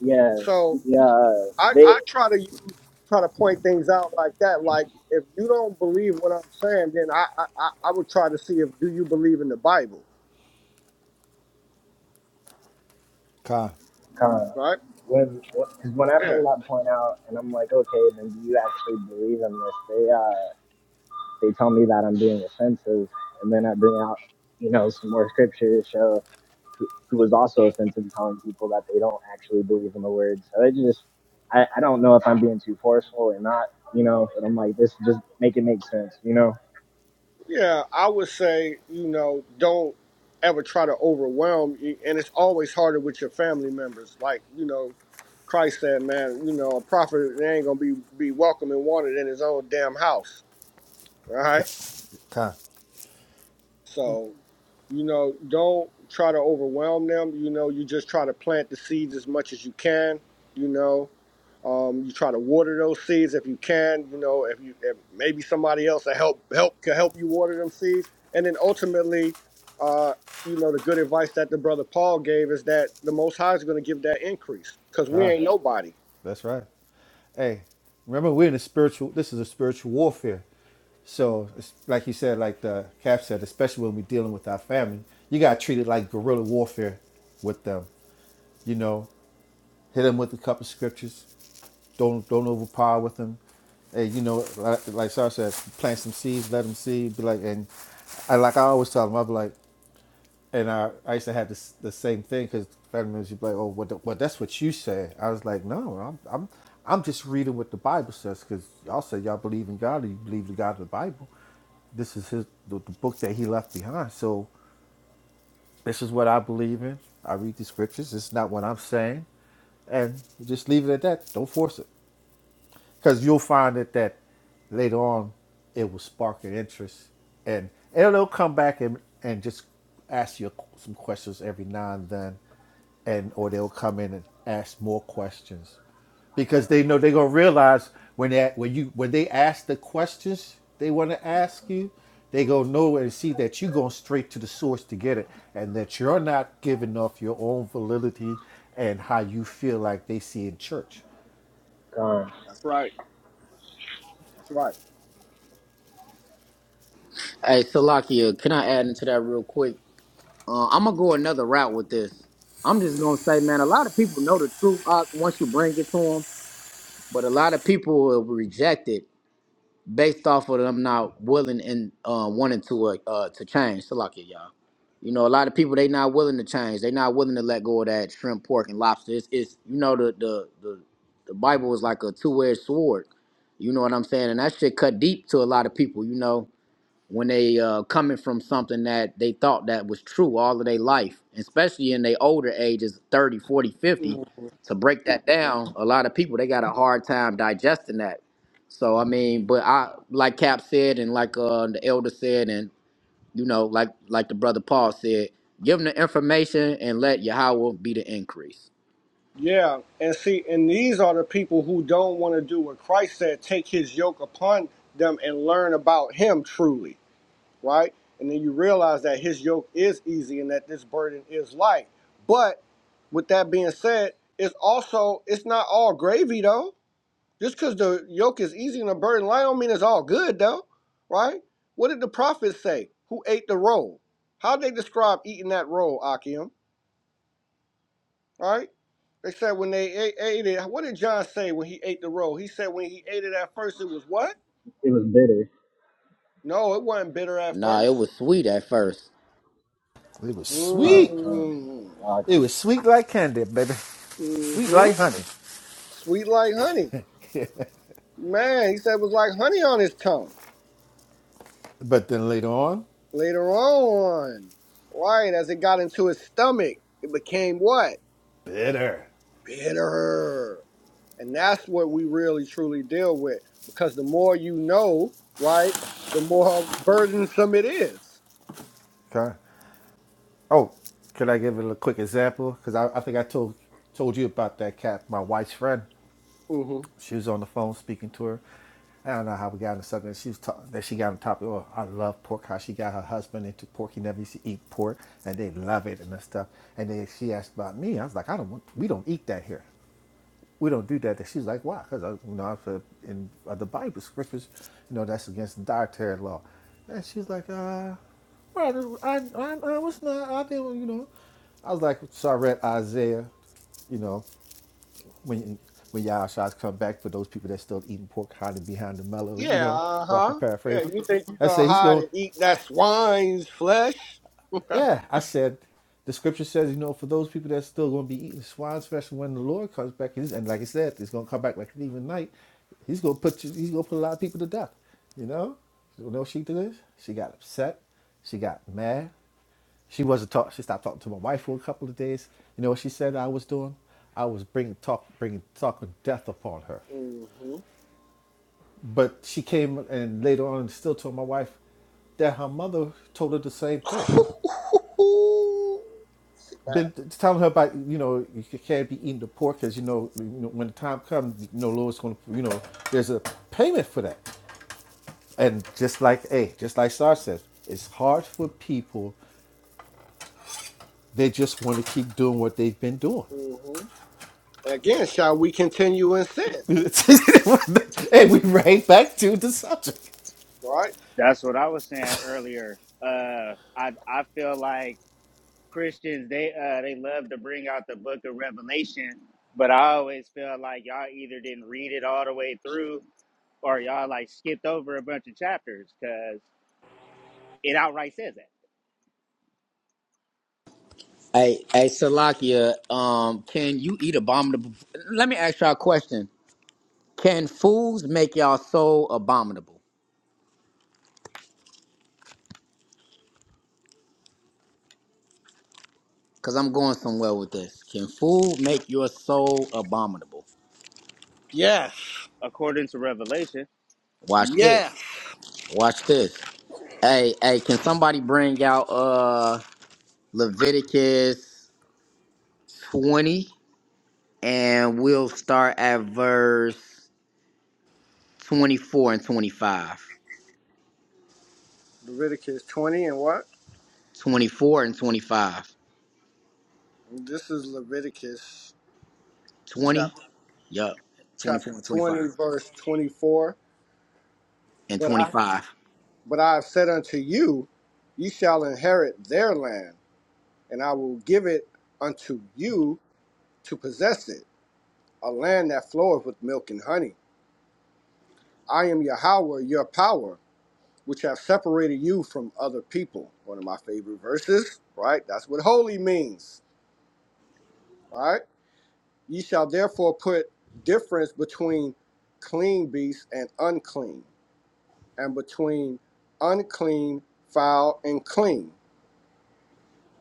Speaker 7: Yeah.
Speaker 1: So
Speaker 7: Yeah.
Speaker 1: I,
Speaker 7: They
Speaker 1: I try to use, try to point things out like that. Like if you don't believe what I'm saying, then I, I, I I would try to see if do you believe in the Bible,
Speaker 4: Con.
Speaker 7: Con.
Speaker 1: right?
Speaker 7: When because when I
Speaker 1: Yeah.
Speaker 7: bring that point out, and I'm like, okay, then do you actually believe in this? They uh they tell me that I'm being offensive, and then I bring out you know some more scripture to show who, who was also offensive, telling people that they don't actually believe in the word. So it just I I don't know if I'm being too forceful or not, you know. But I'm like, this just make it make sense, you know.
Speaker 1: Yeah, I would say, you know, don't ever try to overwhelm you. And it's always harder with your family members. Like, you know, Christ said, man, you know, a prophet they ain't going to be, be welcome and wanted in his own damn house. All right.
Speaker 4: Con.
Speaker 1: So, you know, don't try to overwhelm them. You know, you just try to plant the seeds as much as you can, you know. Um, you try to water those seeds if you can. You know, if you if maybe somebody else to help help can help you water them seeds. And then ultimately, uh, you know, the good advice that the brother Paul gave is that the Most High is going to give that increase because we
Speaker 4: Con.
Speaker 1: ain't nobody.
Speaker 4: That's right. Hey, remember we're in a spiritual this is a spiritual warfare. So it's like you said, like the cap said, especially when we're dealing with our family, you gotta treat it like guerrilla warfare with them. You know, hit them with a couple scriptures, Don't don't overpower with them. Hey, you know, like, like Sasha said, plant some seeds, let them see. Be like, and I like I always tell them, I'm like, and I, I used to have this the same thing because family members would be like, oh, what, the, well, that's what you said. I was like, no, I'm I'm I'm just reading what the Bible says because y'all say y'all believe in God, or you believe the God of the Bible. This is his the, the book that he left behind. So this is what I believe in. I read the scriptures. It's not what I'm saying and just leave it at that. Don't force it because you'll find that that later on it will spark an interest and and they'll come back and and just ask you some questions every now and then and or they'll come in and ask more questions because they know they're gonna realize when that when you when they ask the questions they want to ask you they gonna know and see that you're going straight to the source to get it and that you're not giving off your own validity and how you feel like they see in church
Speaker 7: Con.
Speaker 1: That's right. That's right.
Speaker 6: Hey, Salakia, can I add into that real quick? Uh, I'm gonna go another route with this. I'm just gonna say, man, a lot of people know the truth uh, once you bring it to them, but a lot of people will reject it based off of them not willing and uh, wanting to uh, uh to change. So like it, y'all. You know, a lot of people they not willing to change. They not willing to let go of that shrimp, pork, and lobster. It's, it's you know the the the the Bible is like a two edged sword. You know what I'm saying? And that shit cut deep to a lot of people. You know, when they uh, coming from something that they thought that was true all of their life especially in their older ages 30, 40, 50, to break that down a lot of people they got a hard time digesting that so i mean but i like cap said and like uh, the elder said and you know like like the brother paul said give them the information and let yahweh be the increase
Speaker 1: Yeah, and see, and these are the people who don't want to do what Christ said: take His yoke upon them and learn about Him truly. right? And then you realize that his yoke is easy and that this burden is light. But with that being said, it's also it's not all gravy though. Just because the yoke is easy and the burden light don't mean it's all good though, right? What did the prophets say? Who ate the roll? How they describe eating that roll, Akim? Right? They said when they ate, ate it. What did John say when he ate the roll? He said when he ate it at first, it was what?
Speaker 7: It was bitter.
Speaker 1: No, it wasn't bitter at
Speaker 6: nah it
Speaker 1: first.
Speaker 6: was sweet at first
Speaker 4: it was
Speaker 7: Con.
Speaker 4: sweet
Speaker 7: Con.
Speaker 1: Mm-hmm.
Speaker 4: It
Speaker 7: Lucky.
Speaker 4: was sweet like candy, baby. Sweet
Speaker 1: Mm-hmm.
Speaker 4: like honey.
Speaker 1: Sweet like honey. Man, he said it was like honey on his tongue.
Speaker 4: But then later on,
Speaker 1: Later on, right, as it got into his stomach, it became what?
Speaker 4: bitter.
Speaker 1: Bitter. And that's what we really truly deal with. Because the more you know, right, the more burdensome it
Speaker 4: Okay. Oh, could I give it a quick example? Because I, I think I told told you about that cat, my wife's friend.
Speaker 1: Mm-hmm.
Speaker 4: She was on the phone speaking to her. I don't know how we got into something. She was talking that she got on topic. Oh, I love pork. How she got her husband into pork. He never used to eat pork, and they love it and that stuff. And then she asked about me. I was like, I don't. want We don't eat that here. we don't do that. And she's like, why? Because, you know, in uh, the Bible scriptures, you know, that's against dietary law. And she's like, uh, well, I, I, I was not, I didn't, you know. I was like, so I read Isaiah, you know, when when Yahshua's come back for those people that still eating pork hiding behind the mellows, you
Speaker 1: Yeah,
Speaker 4: know,
Speaker 1: uh
Speaker 4: roughly
Speaker 1: huh. Yeah,
Speaker 4: paraphrased.
Speaker 1: you think you're
Speaker 4: I
Speaker 1: going to
Speaker 4: say he's
Speaker 1: hide
Speaker 4: going.
Speaker 1: and eat
Speaker 4: I,
Speaker 1: that swine's flesh?
Speaker 4: yeah, I said the scripture says, you know, for those people that's still going to be eating swine's flesh when the Lord comes back, he's, and like I said, he's going to come back like an even night. He's going to put you, he's going to put a lot of people to death. You know, you know what she did this? She got upset. She got mad. She wasn't talk. She stopped talking to my wife for a couple of days. You know what she said? I was doing. I was bringing talk, bringing talking death upon her.
Speaker 1: Mm hmm.
Speaker 4: But she came and later on still told my wife that her mother told her the same thing. But tell her about you know you can't be eating the pork because you know you know when the time comes you know Lord's going to you know there's a payment for that and just like hey just like Star says it's hard for people they just want to keep doing what they've been doing
Speaker 1: mm hmm. Again, shall we continue in sin?
Speaker 4: and we right back to the subject
Speaker 1: Right?
Speaker 2: That's what I was saying earlier. Uh, I I feel like Christians they uh they love to bring out the Book of Revelation, but I always feel like y'all either didn't read it all the way through or y'all like skipped over a bunch of chapters because it outright says that
Speaker 6: hey hey salakia um can you eat abominable let me ask y'all a question Can fools make your soul abominable? Because I'm going somewhere with this. Can fool make your soul abominable?
Speaker 1: Yes.
Speaker 2: according to Revelation.
Speaker 6: Watch
Speaker 1: Yes.
Speaker 6: this. Watch this. Hey, hey, can somebody bring out uh Leviticus 20 and we'll start at verse 24 and 25.
Speaker 1: Leviticus 20 and what?
Speaker 6: 24 and 25.
Speaker 1: This is Leviticus
Speaker 6: 20?
Speaker 1: chapter
Speaker 6: Yup.
Speaker 1: chapter
Speaker 6: 24 and 25.
Speaker 1: 20 verse 24.
Speaker 6: And
Speaker 1: But I
Speaker 6: 25.
Speaker 1: but I have said unto you, ye shall inherit their land, and I will give it unto you to possess it, a land that floweth with milk and honey. I am Yahweh, your power. which have separated you from other people. One of my favorite verses, right? That's what holy means, all right? Ye shall therefore put difference between clean beasts and unclean, and between unclean, foul, and clean.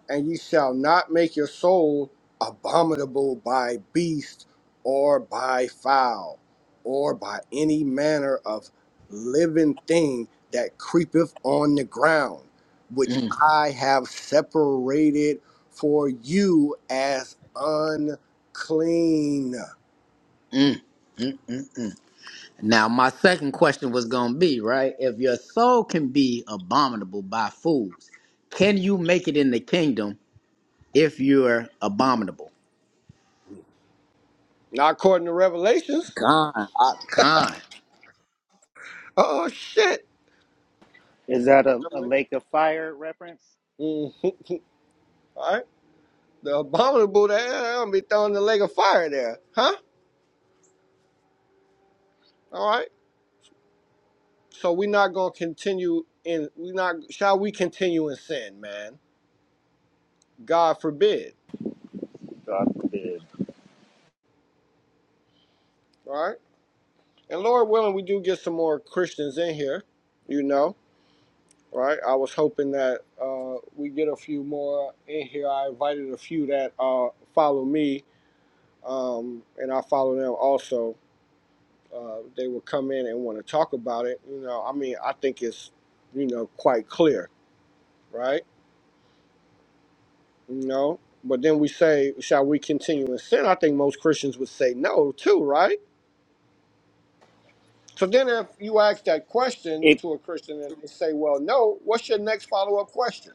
Speaker 1: and ye shall not make your soul abominable by beast or by fowl or by any manner of living thing that creepeth on the ground, which
Speaker 6: Mm,
Speaker 1: I have separated for you as unclean.
Speaker 6: mm, mm, mm. Now, my second question was going to be, right? If your soul can be abominable by fools, can you make it in the kingdom if you're abominable?
Speaker 1: Not according to Revelations.
Speaker 6: Con, uh, con.
Speaker 1: Oh, shit.
Speaker 2: Is that a, a lake of fire reference?
Speaker 1: Mhm. All right. The abominable, there, I'm going to be thrown in the lake of fire there. Huh? All right. So we're not gonna continue in we not shall we continue in sin, man? God forbid,
Speaker 2: God forbid.
Speaker 1: right? And Lord willing, we do get some more Christians in here, you know, right? I was hoping that uh, we get a few more in here. I invited a few that uh, follow me, um, and I follow them also. Uh, they will come in and want to talk about it. You know, I mean, I think it's, you know, quite clear, right? No. But then we say, shall we continue in sin? I think most Christians would say no, too, right? So then if you ask that question
Speaker 2: It
Speaker 1: to a Christian and they say, well, no, what's your next follow up question?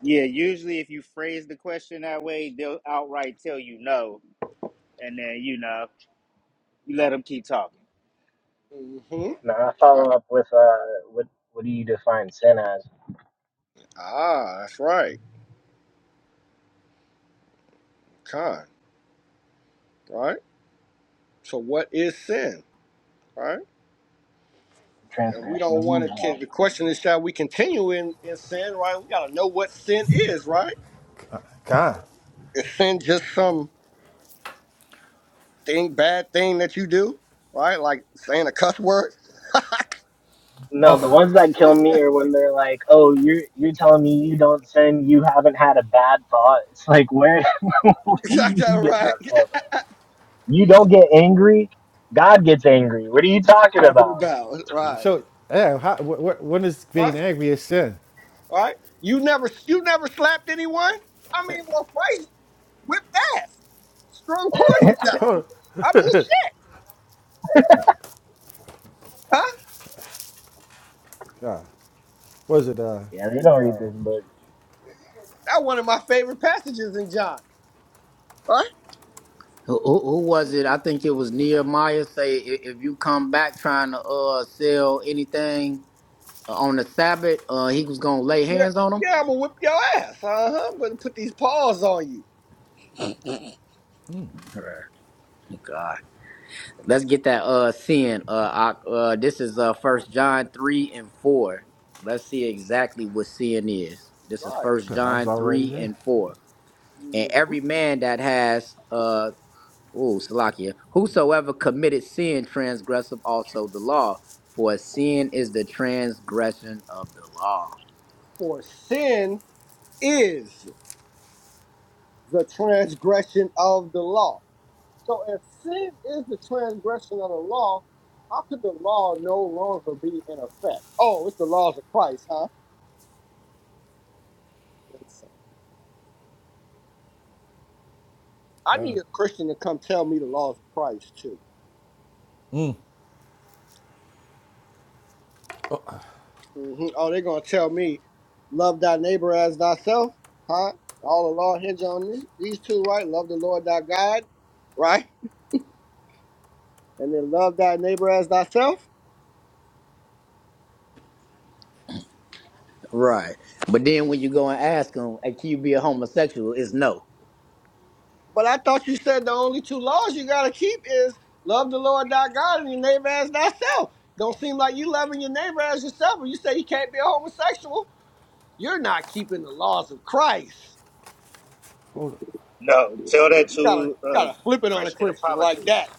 Speaker 2: yeah. Usually, if you phrase the question that way, they'll outright tell you no. and then you know you let them keep talking.
Speaker 1: hmm
Speaker 7: Now I follow
Speaker 1: Right.
Speaker 7: up with uh, what what do you define sin as?
Speaker 1: Ah, that's right. Con, right? So what is sin, right? And we
Speaker 7: transgression of
Speaker 1: don't
Speaker 7: the
Speaker 1: want to,
Speaker 7: law.
Speaker 1: the question is, shall we continue in, in sin, right? We got to know what sin is, right?
Speaker 4: God.
Speaker 1: Is sin just some thing, bad thing that you do, right? Like saying a cuss word?
Speaker 7: No, the
Speaker 4: Oh,
Speaker 7: ones that kill me are when they're like, "Oh, you're you're telling me you don't sin, you haven't had a bad thought." It's like, where where do
Speaker 1: Got
Speaker 7: you get
Speaker 1: right.
Speaker 7: that from? You don't get angry. God gets angry. What are you talking
Speaker 1: Talking
Speaker 7: about?
Speaker 1: about right,
Speaker 4: so yeah how, wh- wh- when is being
Speaker 1: right,
Speaker 4: angry a sin
Speaker 1: right. You never, you never slapped anyone. I mean,
Speaker 4: huh,
Speaker 1: well, Christ whipped ass, strung cords together.
Speaker 4: huh,
Speaker 1: I mean, shit, huh?
Speaker 4: God was it uh
Speaker 7: Yeah, they don't read this book.
Speaker 1: That one of my favorite passages in John. Right?
Speaker 6: Who, who who was it? I think it was Nehemiah. Say, "I- if you come back trying to uh, sell anything on the Sabbath, uh, he was going to lay
Speaker 1: Yeah,
Speaker 6: hands on him.
Speaker 1: yeah. I'm gonna whip your ass. Uh huh. I'm gonna put these paws on you.
Speaker 6: Right. Let's get that uh sin. Uh, I, uh this is uh First John three and four. Let's see exactly what sin is. This is
Speaker 1: All
Speaker 6: First
Speaker 4: God, I was
Speaker 6: John
Speaker 4: already
Speaker 6: three
Speaker 4: there.
Speaker 6: and four. And
Speaker 1: right.
Speaker 6: every man that has uh oh Salakia, whosoever committed sin transgresseth also the law, for sin is the transgression of the law.
Speaker 1: For sin is the transgression of the law. So if sin is the transgression of the law, how could the law no longer be in effect? Oh, it's the laws of Christ, huh? Listen, I
Speaker 4: God.
Speaker 1: need a Christian to come tell me the laws of Christ too. hmm Oh, they're gonna tell me, love thy neighbor as thyself, huh? All the law hinge on this. these two, right? Love the Lord thy God, right? And then love thy neighbor as thyself.
Speaker 6: Right. But then when you go and ask them, hey, can you be a homosexual? It's no.
Speaker 1: But I thought you said the only two laws you gotta keep is love the Lord thy God and your neighbor as thyself. Don't seem like you loving your neighbor as yourself. When you say you can't be a homosexual, you're not keeping the laws of Christ.
Speaker 4: hold on.
Speaker 2: No, tell that
Speaker 1: You gotta you
Speaker 2: to uh,
Speaker 1: gotta flip it on a
Speaker 2: Christian
Speaker 1: Christian like
Speaker 2: apologists
Speaker 1: that.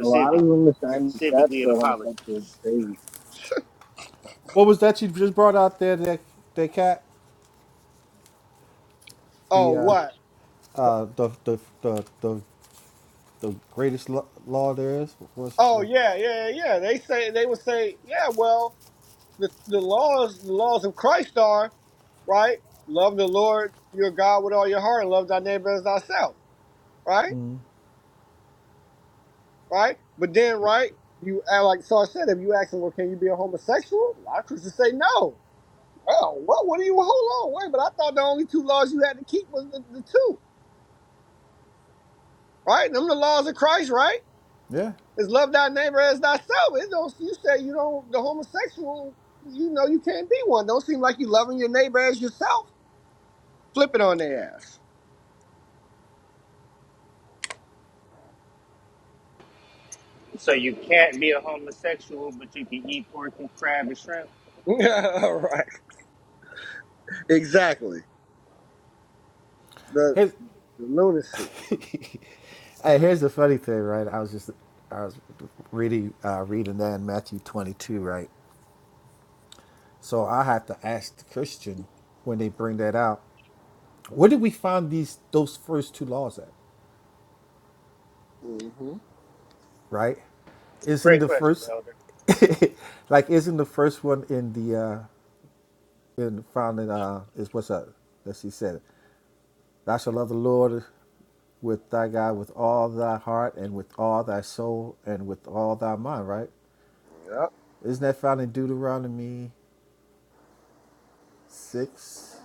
Speaker 7: A lot of them are signing up
Speaker 2: specifically an
Speaker 7: for
Speaker 2: apologist.
Speaker 7: homosexuals. It's crazy.
Speaker 4: What was that you just brought out there? That that cat,
Speaker 1: Oh
Speaker 4: the uh,
Speaker 1: what?
Speaker 4: uh, the the the the, the greatest lo- law there is. What's
Speaker 1: Oh
Speaker 4: the,
Speaker 1: yeah, yeah, yeah. They say they would say, yeah, well, the the laws the laws of Christ are right. Love the Lord your God with all your heart and love thy neighbor as thyself. Right? right? But then, right, you act like Sar said, if you ask them, well, can you be a homosexual? A lot of Christians say no. Well, what? What do you? Hold on, wait. But I thought the only two laws you had to keep was the, the two, right? Them the laws of Christ, right?
Speaker 4: yeah.
Speaker 1: Is love thy neighbor as thyself. It don't. You say you don't. The homosexual, you know, you can't be one. Don't seem like you loving your neighbor as yourself. Flip it on their ass.
Speaker 2: So you can't be a homosexual, but you can eat pork and crab and shrimp.
Speaker 1: Yeah, all right. Exactly. The,
Speaker 4: Here's,
Speaker 1: the lunacy.
Speaker 4: hey, here's the funny thing, right? I was just I was really uh, reading that in Matthew 22, right? So I have to ask the Christian when they bring that out, where did we find these those first two laws at,
Speaker 1: Mm-hmm.
Speaker 4: right? Isn't
Speaker 2: Great
Speaker 4: the
Speaker 2: question,
Speaker 4: first
Speaker 2: Elder.
Speaker 4: like isn't the first one in the uh and found it uh, is what's up that she said, "Thou shalt love the Lord with thy God with all thy heart and with all thy soul and with all thy mind." Right?
Speaker 1: Yep.
Speaker 4: Isn't that found in Deuteronomy six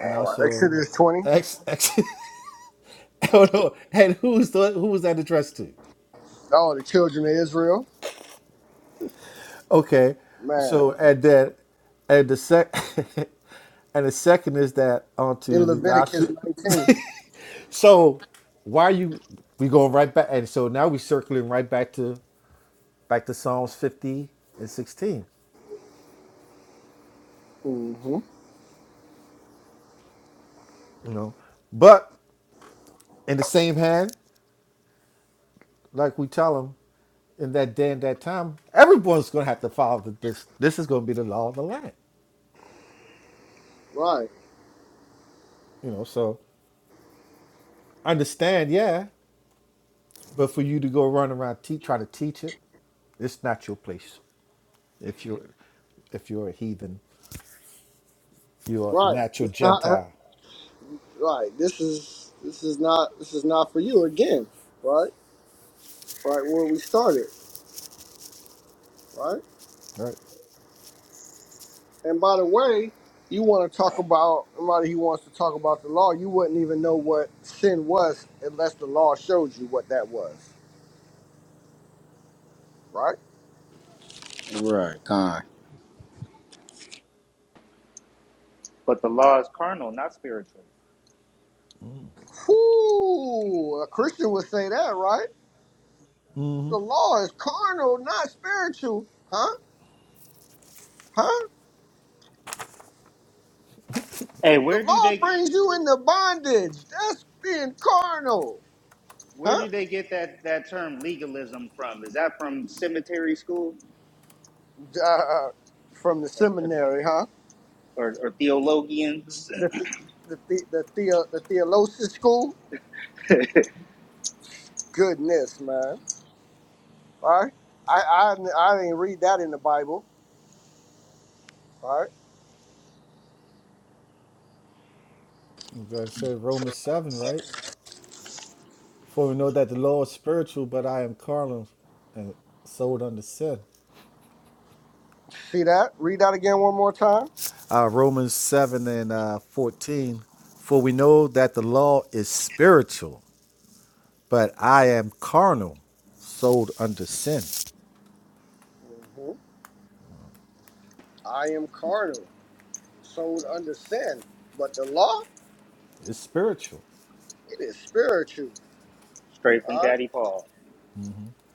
Speaker 4: and
Speaker 1: right.
Speaker 4: also in
Speaker 1: Exodus twenty.
Speaker 4: Ex Ex? I don't know. And who's the who was that addressed to?
Speaker 1: Oh, the children of Israel.
Speaker 4: Okay,
Speaker 1: Man,
Speaker 4: so and then and the sec and the second is that
Speaker 1: in
Speaker 4: onto the thou
Speaker 1: Leviticus
Speaker 4: should.
Speaker 1: 19.
Speaker 4: So why are you we going right back and so now we circling right back to back to Psalms 50 and 16,
Speaker 1: hmm
Speaker 4: you know. But in the same hand, like we tell them in that day and that time, everyone's gonna have to follow the, this. This is gonna be the law of the land,
Speaker 1: Right,
Speaker 4: you know. So understand, yeah, but for you to go run around te- try to teach it, it's not your place. If you're if you're a heathen, you're a
Speaker 1: right.
Speaker 4: natural
Speaker 1: It's not
Speaker 4: Gentile,
Speaker 1: right. This is this is not this is not for you again. Right, right where we started. Right,
Speaker 4: right?
Speaker 1: and by the way, you want to talk about somebody who wants to talk about the law? You wouldn't even know what sin was unless the law showed you what that was. Right.
Speaker 6: Right. Con.
Speaker 2: But the law is carnal, not spiritual.
Speaker 1: Whoo! A Christian would say that, right? The law is carnal, not spiritual. Huh? Huh?
Speaker 2: Hey,
Speaker 1: The
Speaker 2: where do
Speaker 1: law
Speaker 2: they
Speaker 1: brings you into bondage. That's being carnal,
Speaker 2: where
Speaker 1: huh?
Speaker 2: do they get that that term legalism from? Is that from cemetery school
Speaker 1: Uh, from the seminary, huh?
Speaker 2: or, or theologians?
Speaker 1: The the the, the, the, theo, the theologian school. Goodness, man. All right, I I I didn't read that in the Bible. All right,
Speaker 4: You guys said Romans seven, right? For we know that the law is spiritual, but I am carnal and sold under sin.
Speaker 1: see that? Read that again one more time.
Speaker 4: Uh, Romans 7 and uh, 14. For we know that the law is spiritual, but I am carnal, sold under sin.
Speaker 1: hmm I am carnal, sold under sin, but the law
Speaker 4: It's spiritual.
Speaker 1: it is spiritual.
Speaker 2: Straight from
Speaker 1: All right.
Speaker 2: Daddy Paul.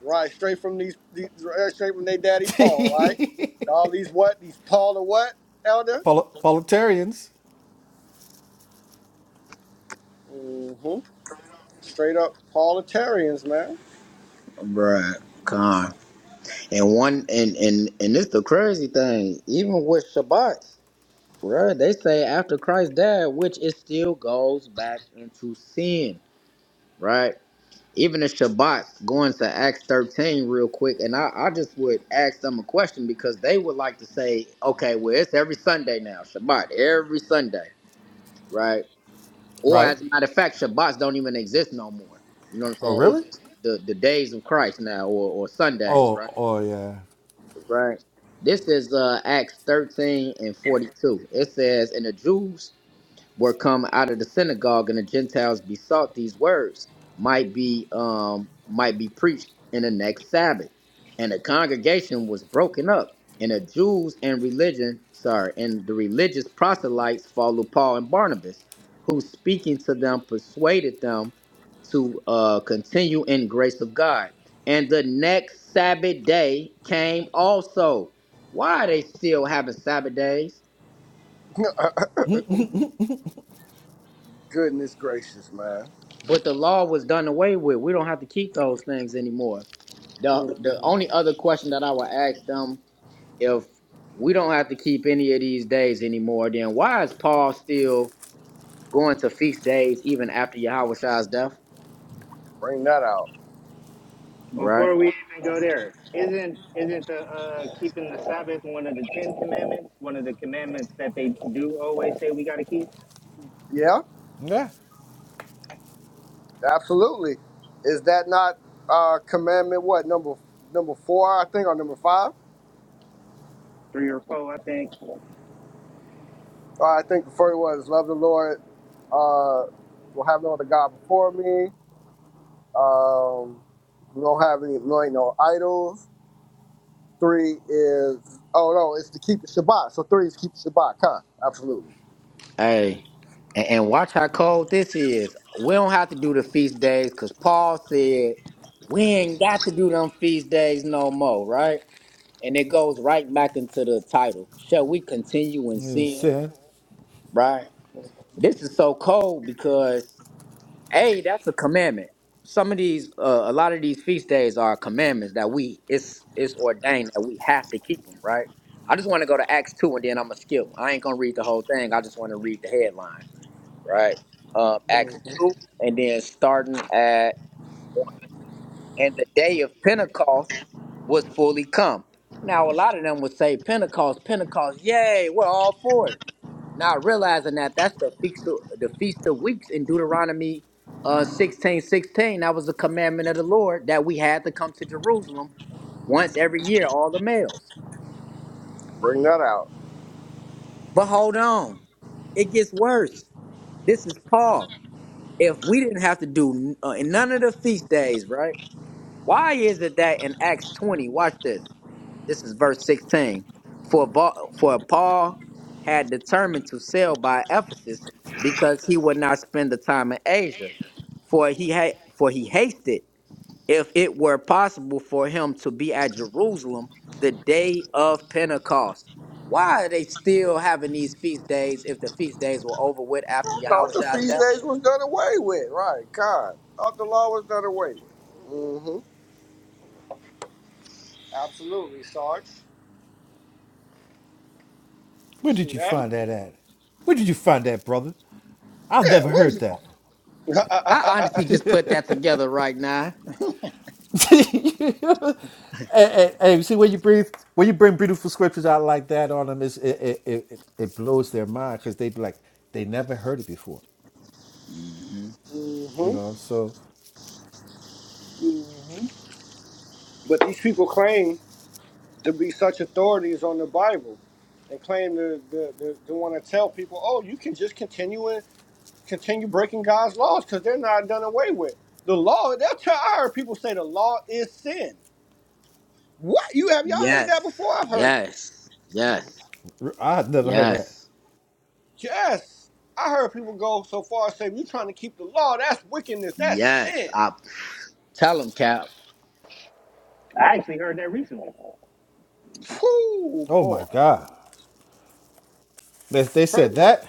Speaker 1: Right, straight from these, these right, straight from their daddy Paul, right? All these what? These Paul the what, elder?
Speaker 4: Pol- Politarians.
Speaker 1: Mm-hmm. Straight up Paulitarians, man.
Speaker 6: Right. Con. And one and and and it's the crazy thing. Even with Shabbat, right? They say after Christ died, which it still goes back into sin, right? Even the Shabbat, going to Acts thirteen real quick, and I, I just would ask them a question because they would like to say, okay, well it's every Sunday now, Shabbat, every Sunday, right? Or
Speaker 4: Right?
Speaker 6: as a matter of fact, Shabbats don't even exist no more. You know what I'm
Speaker 4: Oh,
Speaker 6: saying? It's
Speaker 4: really?
Speaker 6: just the, the days of Christ now, or, or Sundays,
Speaker 4: Oh,
Speaker 6: right?
Speaker 4: oh yeah.
Speaker 6: Right. This is uh, Acts 13 and 42. It says, And the Jews were come out of the synagogue and the Gentiles besought these words might be um, might be preached in the next Sabbath. And the congregation was broken up, and the Jews and religion, sorry, and the religious proselytes followed Paul and Barnabas, who speaking to them persuaded them to uh, continue in grace of God. And the next Sabbath day came also. Why are they still having Sabbath days?
Speaker 1: Goodness gracious, man.
Speaker 6: But the law was done away with. We don't have to keep those things anymore. The
Speaker 1: Mhm.
Speaker 6: the only other question that I would ask them if we don't have to keep any of these days anymore, then why is Paul still going to feast days even after Yahushua's death?
Speaker 1: Bring that out.
Speaker 6: All Right?
Speaker 2: Before we even go there, isn't isn't the uh, keeping the Sabbath one of the Ten Commandments? One of the commandments that they do always say we got to keep,
Speaker 1: Yeah,
Speaker 4: Yeah.
Speaker 1: absolutely. Is that not uh commandment what number number four, I think, or number five?
Speaker 2: three or four, I think.
Speaker 1: Uh, I think the first was love the Lord. Uh, will have no other God before me. Um, don't have any, no, ain't no idols. Three is oh no, it's to keep the Shabbat. So three is keep the Shabbat. Con, absolutely.
Speaker 6: Hey. And, and watch how cold this is. We don't have to do the feast days because Paul said we ain't got to do them feast days no more, right? And it goes right back into the title. Shall we continue in
Speaker 4: Yeah,
Speaker 6: sin?
Speaker 4: Sin.
Speaker 6: Right? This is so cold because a that's a commandment. Some of these, uh, a lot of these feast days are commandments that we it's it's ordained that we have to keep them, right? I just want to go to Acts two and then I'm gonna skip. I ain't gonna read the whole thing. I just want to read the headline, right? Um, Acts two and then starting at one. And the day of Pentecost was fully come. Now a lot of them would say Pentecost, Pentecost, yay, we're all for it. Not realizing that that's the feast of, the feast of weeks in Deuteronomy uh 16 16. That was the commandment of the Lord that we had to come to Jerusalem once every year, all the males.
Speaker 1: Bring that out.
Speaker 6: But hold on, it gets worse. This is Paul. If we didn't have to do uh, none of the feast days, right? Why is it that in Acts 20, watch this. This is verse 16. For, Ba- for Paul had determined to sail by Ephesus because he would not spend the time in Asia. for he ha- for he hasted if it were possible for him to be at Jerusalem the day of Pentecost. Why are they still having these feast days if the feast days were over with after
Speaker 1: Thought the
Speaker 6: Yahushua's
Speaker 1: feast
Speaker 6: death?
Speaker 1: days was done away with, right? Con. Thought the law was done away with. Mm-hmm. Absolutely, Sarge.
Speaker 4: Where
Speaker 1: See
Speaker 4: did you
Speaker 1: that?
Speaker 4: find that at? Where did you find that, brother? I've
Speaker 1: Yeah,
Speaker 4: never
Speaker 1: where's
Speaker 4: heard that.
Speaker 1: you?
Speaker 6: I honestly just put that together right now.
Speaker 4: Hey, hey, hey, you see when you breathe, when you bring beautiful scriptures out like that on them, it's, it, it it it it blows their mind because they be like they never heard it before,
Speaker 6: hmm
Speaker 4: you
Speaker 1: mm-hmm.
Speaker 4: know. So
Speaker 1: Mm-hmm. But these people claim to be such authorities on the Bible and claim to, to, to, to want to tell people, oh, you can just continue continue breaking God's laws because they're not done away with. The law, they'll tell I heard people say the law is sin. What? You have y'all heard
Speaker 6: Yes,
Speaker 1: that before? I've heard that.
Speaker 6: yes, yes,
Speaker 4: r- I had never heard that.
Speaker 6: yes,
Speaker 1: Yes. I heard people go so far as say, you are trying to keep the law, that's wickedness, that's
Speaker 6: yes.
Speaker 1: sin.
Speaker 6: I tell him, Cap.
Speaker 2: I actually heard that recently.
Speaker 1: Whoo
Speaker 4: Oh
Speaker 1: boy.
Speaker 4: my God, they, they said
Speaker 1: Crazy.
Speaker 4: that.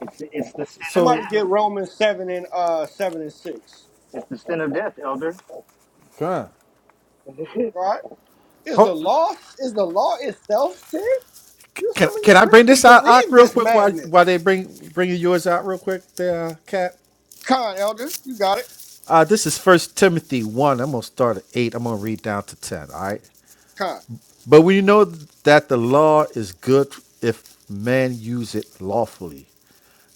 Speaker 2: It's it's the sin of
Speaker 1: Somebody
Speaker 4: So,
Speaker 1: get Romans seven and uh seven and six.
Speaker 2: it's the sin of death, Elder.
Speaker 4: God,
Speaker 1: All Right? Is the
Speaker 4: Ho-
Speaker 1: law is the law itself sin? You
Speaker 4: can
Speaker 1: some of you
Speaker 4: can I bring
Speaker 1: Christians
Speaker 4: this out, out
Speaker 1: believe
Speaker 4: real
Speaker 1: this
Speaker 4: quick while while
Speaker 1: madness.
Speaker 4: they bring bringing yours out real quick, there, uh, Cap?
Speaker 1: Con, elder, you got it.
Speaker 4: Uh, this is First Timothy one. I'm gonna start at eight. I'm gonna read down to ten. All right.
Speaker 1: Con.
Speaker 4: But we know that the law is good if man use it lawfully.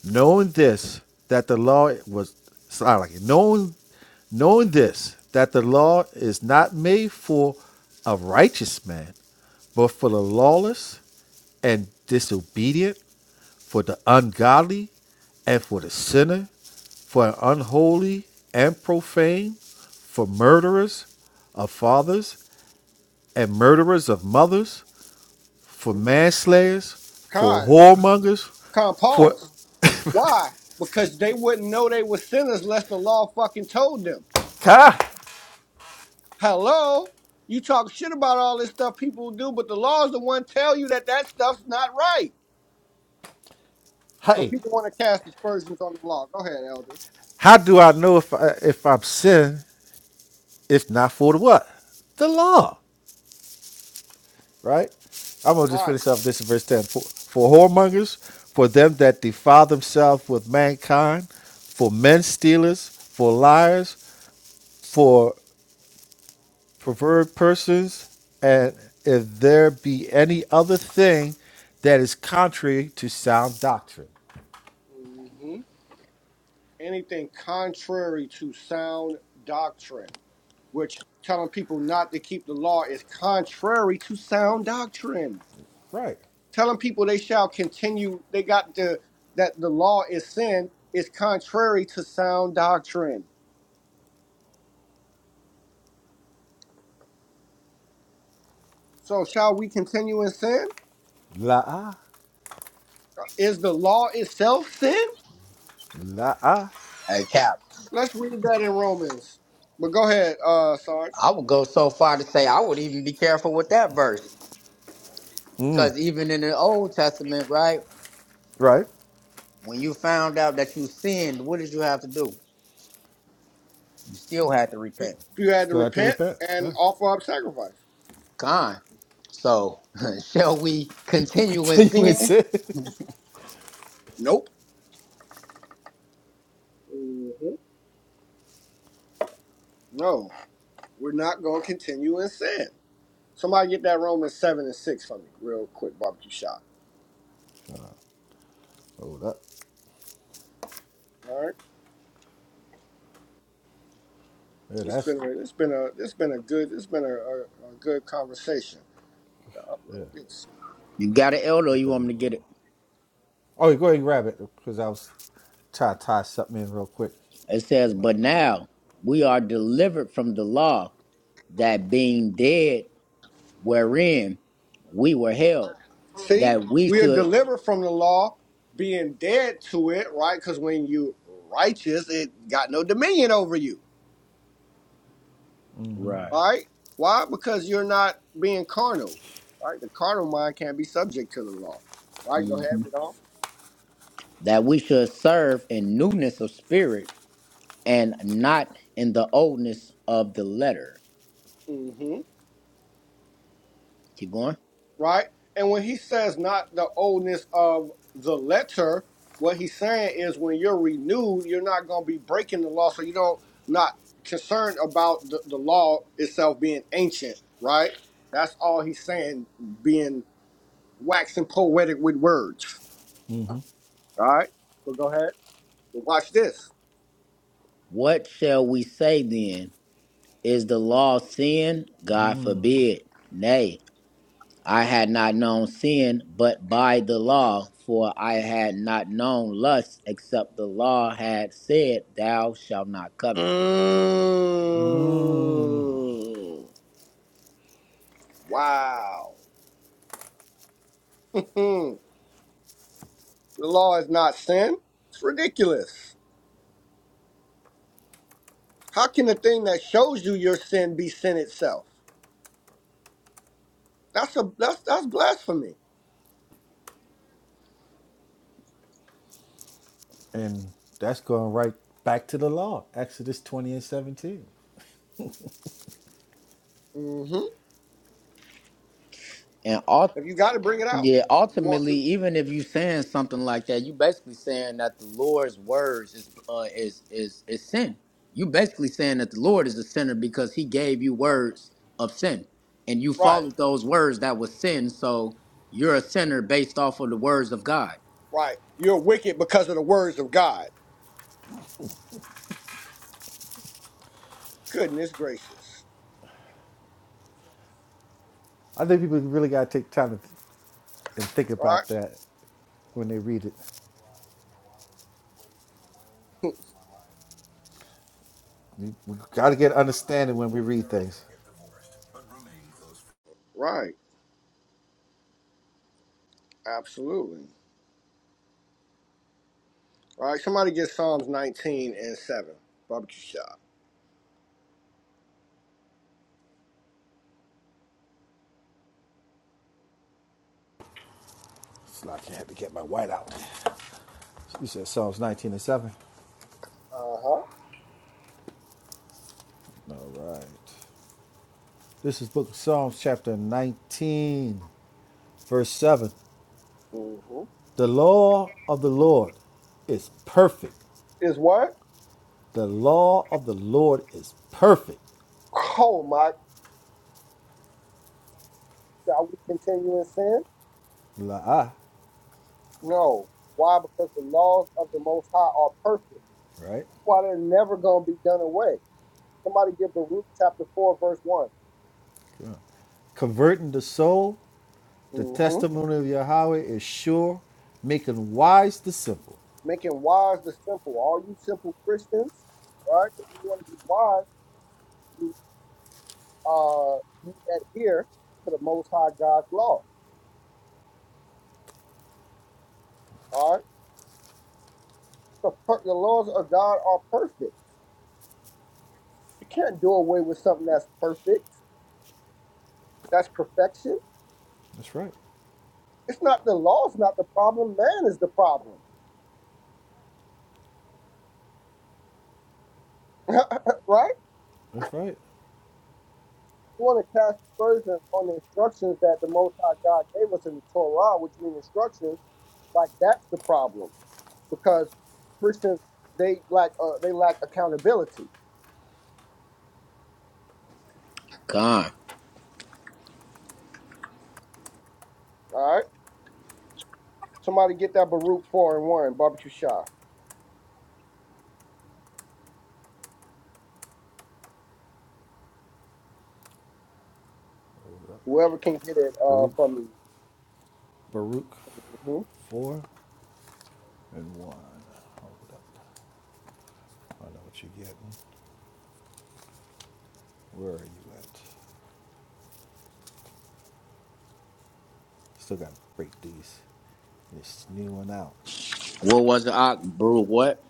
Speaker 4: Knowing this, that the law was sorry, like knowing knowing this, that the law is not made for a righteous man, but for the lawless and disobedient, for the ungodly and for the sinner, for the unholy and profane, for murderers of fathers and murderers of mothers for manslayers, for
Speaker 1: Con.
Speaker 4: whoremongers,
Speaker 1: Con
Speaker 4: for
Speaker 1: pause. Why? Because they wouldn't know they were sinners unless the law fucking told them.
Speaker 4: God,
Speaker 1: Hello? You talk shit about all this stuff people do, but the law is the one tell you that that stuff's not right. But
Speaker 4: hey,
Speaker 1: people want to cast aspersions on the law. Go ahead, elder.
Speaker 4: how do I know if I, if I'm sinning if not for the what? The law, right? I'm gonna just
Speaker 1: Right.
Speaker 4: finish up this in verse ten. For, for whoremongers, for them that defile themselves with mankind, for men stealers, for liars, for perverted persons, and if there be any other thing that is contrary to sound doctrine,
Speaker 1: hmm Anything contrary to sound doctrine, which telling people not to keep the law is contrary to sound doctrine.
Speaker 4: right?
Speaker 1: telling people they shall continue they got the that the law is sin is contrary to sound doctrine so shall we continue in sin
Speaker 4: La
Speaker 1: is the law itself sin
Speaker 4: la
Speaker 6: Hey, Cap.
Speaker 1: let's read that in romans but go ahead uh sarge
Speaker 6: I would go so far to say I would even be careful with that verse, because even in the Old Testament, right?
Speaker 4: Right.
Speaker 6: When you found out that you sinned, what did you have to do? You still had to
Speaker 1: you
Speaker 6: repent.
Speaker 1: you had to
Speaker 4: Still have to
Speaker 1: repent
Speaker 4: repent.
Speaker 1: and
Speaker 4: Yeah.
Speaker 1: offer up sacrifice
Speaker 6: Con. So, shall we continue in
Speaker 4: Continue in
Speaker 6: sin?
Speaker 4: sin.
Speaker 1: nope Mhm. no we're not going to continue in sin somebody get that romans 7 and 6 for me real quick barbecue shot
Speaker 4: Hold up.
Speaker 1: all right
Speaker 4: Yeah,
Speaker 1: It's
Speaker 4: that's
Speaker 1: been a, it's been a it's been a good it's been a, a, a good conversation to
Speaker 4: yeah.
Speaker 1: upload this.
Speaker 6: You got an elder, or
Speaker 4: What's
Speaker 6: you
Speaker 4: that?
Speaker 6: want me to
Speaker 4: uh,
Speaker 6: get it?
Speaker 4: Oh, go ahead and grab it Because I was trying to tie something in real quick.
Speaker 6: It says, But now we are delivered from the law, that being dead wherein we were held,
Speaker 1: See,
Speaker 6: that we
Speaker 1: we are
Speaker 6: should,
Speaker 1: delivered from the law, being dead to it, right? Because when you righteous, it got no dominion over you.
Speaker 6: right,
Speaker 1: All right, why? Because you're not being carnal. Right, the carnal mind can't be subject to the law. Right, go ahead,
Speaker 6: hmm
Speaker 1: read on.
Speaker 6: that we should serve in newness of spirit and not in the oldness of the letter.
Speaker 1: hmm
Speaker 6: Keep going.
Speaker 1: right? And when he says not the oldness of the letter, what he's saying is when you're renewed, you're not going to be breaking the law, so you don't not concerned about the, the law itself being ancient, right? That's all he's saying, being waxing poetic with words. All right, well, go ahead. Well, watch this.
Speaker 6: What shall we say then? Is the law sin? God forbid. Nay, I had not known sin but by the law, for I had not known lust except the law had said, Thou shalt not covet.
Speaker 1: Mm, wow. the law is not sin. It's ridiculous. How can the thing that shows you your sin be sin itself? That's a that's that's blasphemy.
Speaker 4: And that's going right back to the law, Exodus 20 and 17.
Speaker 1: hmm
Speaker 6: And
Speaker 1: If you got to bring it out,
Speaker 6: Yeah,
Speaker 1: if you want
Speaker 6: ultimately,
Speaker 1: to,
Speaker 6: even if you saying something like that, you basically saying that the Lord's words is uh, is is is sin. You basically saying that the Lord is a sinner because He gave you words of sin, and you
Speaker 1: right,
Speaker 6: followed those words that was sin. So you're a sinner based off of the words of God.
Speaker 1: right. You're wicked because of the words of God. Goodness gracious,
Speaker 4: I think people really got to take time to th- and think
Speaker 1: right,
Speaker 4: about that when they read it. We, we got to get understanding when we read things.
Speaker 1: right, absolutely, All right. Somebody get Psalms 19 and seven. Barbecue shop.
Speaker 4: It's like I had to get my white out. You said Psalms 19 and 7.
Speaker 1: Uh huh.
Speaker 4: All right. This is Book of Psalms, chapter 19, verse 7.
Speaker 1: hmm
Speaker 4: The law of the Lord is perfect.
Speaker 1: Is what?
Speaker 4: The law of the Lord is perfect.
Speaker 1: Oh my! Shall we continue in sin?
Speaker 4: La'ah,
Speaker 1: No. Why? Because the laws of the Most High are perfect
Speaker 4: right?
Speaker 1: why they're never going to be done away. Somebody give Baruch chapter 4, verse 1.
Speaker 4: Converting the soul. The
Speaker 1: hmm
Speaker 4: testimony of Yahweh is sure, making wise the simple.
Speaker 1: Making wise the simple. All you simple Christians, right? If you want to be wise, you, uh, you adhere to the Most High God's law. All right? The, per- the laws of God are perfect. You can't do away with something that's perfect. That's perfection.
Speaker 4: That's right.
Speaker 1: It's not the law, it's not the problem. Man is the problem, right?
Speaker 4: That's right.
Speaker 1: You want to cast aspersions on the instructions that the Most High God gave us in the Torah, which mean instructions. Like that's the problem because Christians they lack uh, they lack accountability.
Speaker 6: God,
Speaker 1: All right, somebody get that Baruch four and one barbecue shop. Whoever can get it uh,
Speaker 4: Baruch,
Speaker 1: from me.
Speaker 4: Baruch,
Speaker 1: Mm-hmm.
Speaker 4: four and one. Hold up. I know what you're getting. Where are you at? Still got to break these. This new one out.
Speaker 6: what was it? Ah, Baruch what?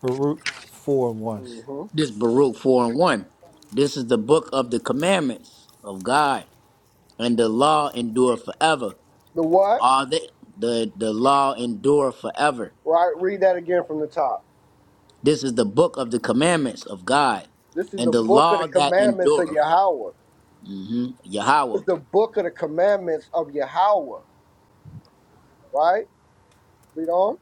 Speaker 4: Baruch 4 and 1.
Speaker 1: hmm
Speaker 6: This Baruch four and one. This is the book of the commandments of God, and the law endure forever.
Speaker 1: The what?
Speaker 6: All the the the law endure forever
Speaker 1: Right, read that again from the top.
Speaker 6: This is the book of the commandments of God
Speaker 1: This is
Speaker 6: and
Speaker 1: the
Speaker 6: the
Speaker 1: book of the
Speaker 6: law that
Speaker 1: commandments of
Speaker 6: endureth,
Speaker 1: Yahweh.
Speaker 6: hmm
Speaker 1: It's
Speaker 6: Yahweh,
Speaker 1: the book of the commandments of Yahweh, right? Read on.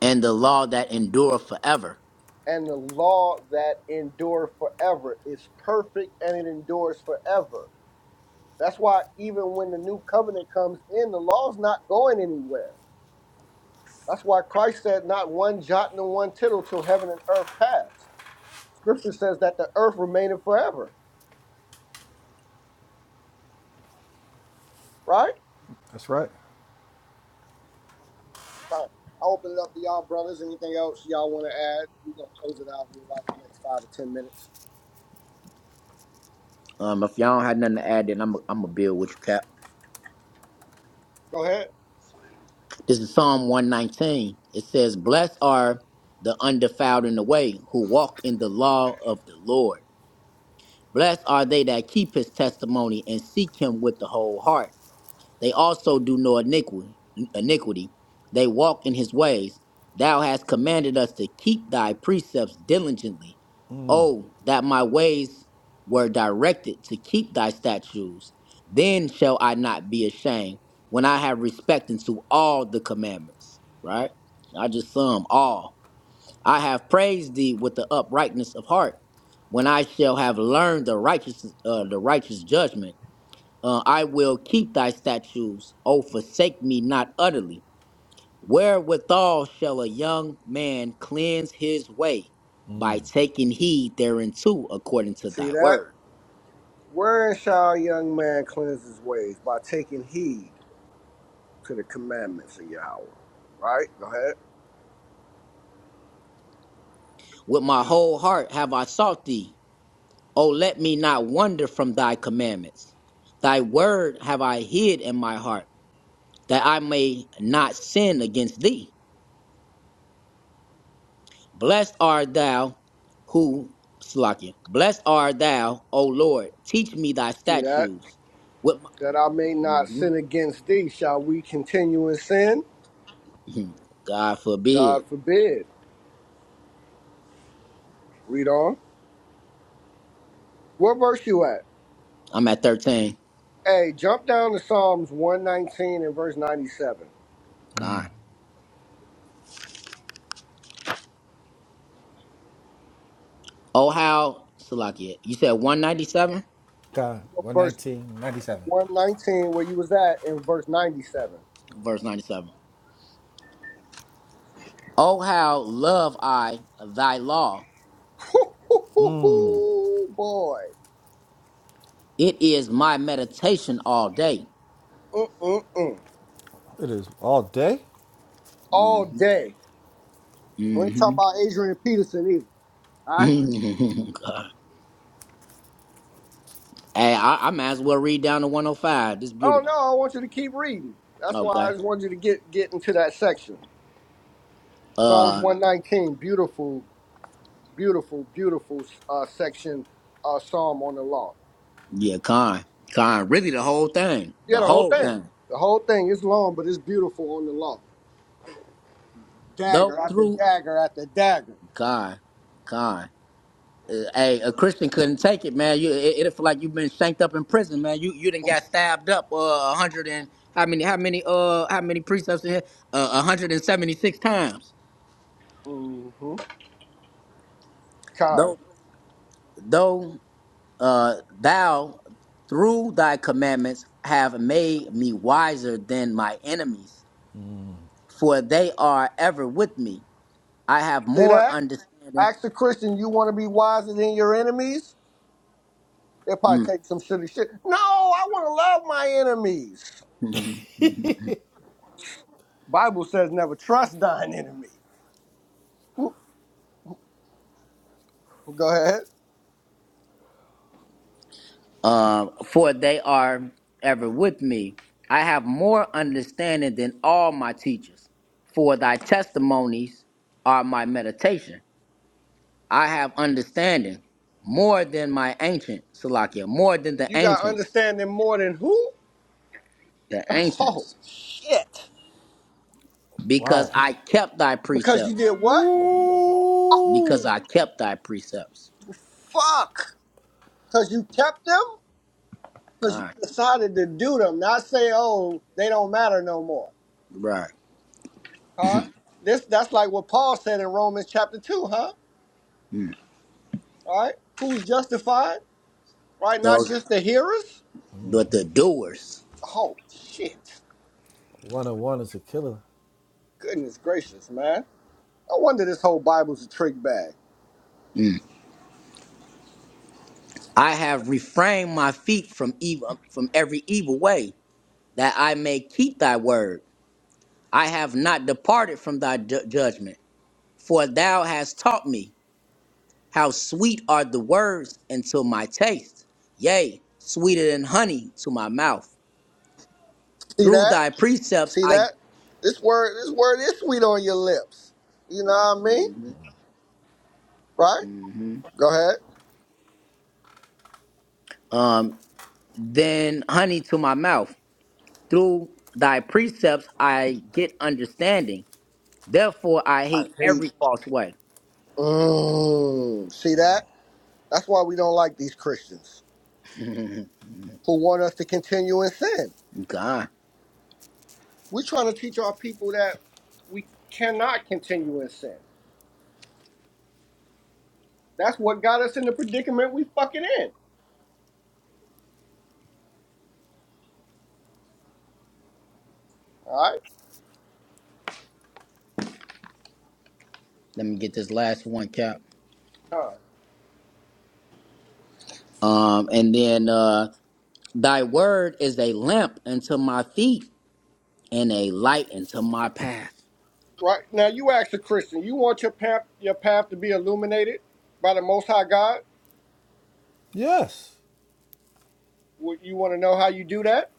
Speaker 6: and the law that endureth forever.
Speaker 1: And the law that endures forever is perfect and it endures forever. That's why even when the new covenant comes in, the law's not going anywhere. That's why Christ said, Not one jot nor one tittle till heaven and earth pass. Scripture says that the earth remaineth forever, right?
Speaker 4: That's right.
Speaker 1: Right. I open it up to y'all, brothers. Anything else y'all want to add? We're going to close it out in like the next five or ten minutes.
Speaker 6: Um, if y'all don't have nothing to add, then I'm I'm gonna build with you, Cap.
Speaker 1: Go ahead.
Speaker 6: This is Psalm 119. It says, "Blessed are the undefiled in the way, who walk in the law of the Lord. Blessed are they that keep His testimony and seek Him with the whole heart. They also do no iniquity. iniquity. They walk in his ways. Thou hast commanded us to keep thy precepts diligently. Oh, that my ways were directed to keep thy statutes. Then shall I not be ashamed when I have respect unto all the commandments. Right? I just sum all. I have praised thee with the uprightness of heart when I shall have learned the righteous, uh, the righteous judgment. Uh, I will keep thy statutes. O forsake me not utterly. Wherewithal shall a young man cleanse his way? By taking heed thereunto according to
Speaker 1: See
Speaker 6: thy
Speaker 1: that?
Speaker 6: word.
Speaker 1: Wherein shall a young man cleanse his ways? By taking heed to the commandments of Yahweh. Right? Go ahead.
Speaker 6: With my whole heart have I sought thee. O let me not wander from thy commandments. Thy word have I hid in my heart, that I may not sin against thee. Blessed art thou who, Slakia, blessed art thou, O Lord, teach me thy
Speaker 1: See that?
Speaker 6: statutes. With my,
Speaker 1: that I may not
Speaker 6: Mhm.
Speaker 1: sin against thee. Shall we continue in sin?
Speaker 6: God
Speaker 1: God
Speaker 6: forbid.
Speaker 1: forbid. Read on. What verse you at?
Speaker 6: I'm at 13.
Speaker 1: Hey, jump down to Psalms 119 and verse 97.
Speaker 6: God. Oh, how, Slakia, you said 197?
Speaker 4: God, one
Speaker 1: Verse
Speaker 4: nineteen ninety
Speaker 1: 119 where you was at in verse 97.
Speaker 6: Verse 97. Oh, how love I thy law.
Speaker 1: Boy.
Speaker 6: It is my meditation all day.
Speaker 1: Mm-mm-mm.
Speaker 4: It is all day.
Speaker 1: All
Speaker 6: Mhm.
Speaker 1: day. We ain't talking
Speaker 6: Mhm.
Speaker 1: about Adrian Peterson either. All right?
Speaker 6: God. Hey, I, I might as well read down to 105. This is
Speaker 1: Oh, no,
Speaker 6: beautiful.
Speaker 1: I want you to keep reading. That's why I
Speaker 6: Okay.
Speaker 1: just wanted you to get, get into that section. Psalms
Speaker 6: Uh.
Speaker 1: 119, beautiful beautiful, beautiful uh, section uh, psalm on the law.
Speaker 6: Yeah, Khan. Khan. Really, the whole thing.
Speaker 1: Yeah,
Speaker 6: The
Speaker 1: the whole
Speaker 6: whole
Speaker 1: thing.
Speaker 6: thing.
Speaker 1: The whole thing is long, but it's beautiful on the law.
Speaker 6: Though
Speaker 1: Dagger after
Speaker 6: through
Speaker 1: dagger after dagger.
Speaker 6: Khan. Khan. Uh, hey, a Christian couldn't take it, man. You, it, it'll feel like you've been shanked up in prison, man. You, you done got stabbed up. Uh, a hundred and how many? How many? Uh, how many precepts in here? Uh, a hundred and seventy-six times.
Speaker 1: Mm-hmm. Kind.
Speaker 6: Though, though, uh, thou through thy commandments have made me wiser than my enemies, for they are ever with me. I have
Speaker 1: See
Speaker 6: more
Speaker 1: that?
Speaker 6: understanding.
Speaker 1: Ask the Christian, you want to be wiser than your enemies? They'll probably take some silly shit. No, I want to love my enemies. Bible says never trust thine enemy. Go ahead.
Speaker 6: um, for they are ever with me. I have more understanding than all my teachers, for thy testimonies are my meditation. I have understanding more than my ancient, Salakia, more than the
Speaker 1: You got
Speaker 6: ancients,
Speaker 1: understanding more than who?
Speaker 6: the
Speaker 1: Oh,
Speaker 6: ancients,
Speaker 1: shit.
Speaker 4: Why?
Speaker 6: because I kept thy
Speaker 1: Because you
Speaker 6: precepts,
Speaker 1: did what?
Speaker 6: because
Speaker 4: Woo!
Speaker 6: I kept thy precepts.
Speaker 1: Fuck. Because you kept them? Because you
Speaker 6: God,
Speaker 1: decided to do them, not say, oh, they don't matter no more.
Speaker 6: right.
Speaker 1: Huh? This that's like what Paul said in Romans chapter two, huh?
Speaker 6: Mm.
Speaker 1: Right? Who's justified? Right? Not
Speaker 6: Those,
Speaker 1: just the hearers?
Speaker 6: but the doers,
Speaker 1: Oh shit.
Speaker 4: 101 is a killer.
Speaker 1: Goodness gracious, man. No wonder this whole Bible's a trick bag.
Speaker 6: I have refrained my feet from evil, from every evil way that I may keep thy word. I have not departed from thy ju- judgment, for thou hast taught me. How sweet are the words unto my taste, yea, sweeter than honey to my mouth.
Speaker 1: See
Speaker 6: Through
Speaker 1: that?
Speaker 6: thy precepts
Speaker 1: See
Speaker 6: I
Speaker 1: that? This word this word is sweet on your lips. You know what I mean? Right? Go ahead.
Speaker 6: um than honey to my mouth. Through thy precepts I get understanding. Therefore I
Speaker 1: I
Speaker 6: hate every
Speaker 1: hate.
Speaker 6: false way.
Speaker 1: Mm, see that? That's why we don't like these Christians. who want us to continue in sin.
Speaker 6: God,
Speaker 1: We're trying to teach our people that we cannot continue in sin. That's what got us in the predicament we fucking in. All right?
Speaker 6: let me get this last one, Cap.
Speaker 1: Huh. Right
Speaker 6: Um, and then uh Thy word is a lamp unto my feet and a light unto my path.
Speaker 1: Right. now, you ask a Christian, you want your path, your path to be illuminated by the Most High God?
Speaker 4: Yes.
Speaker 1: Would you want to know how you do that?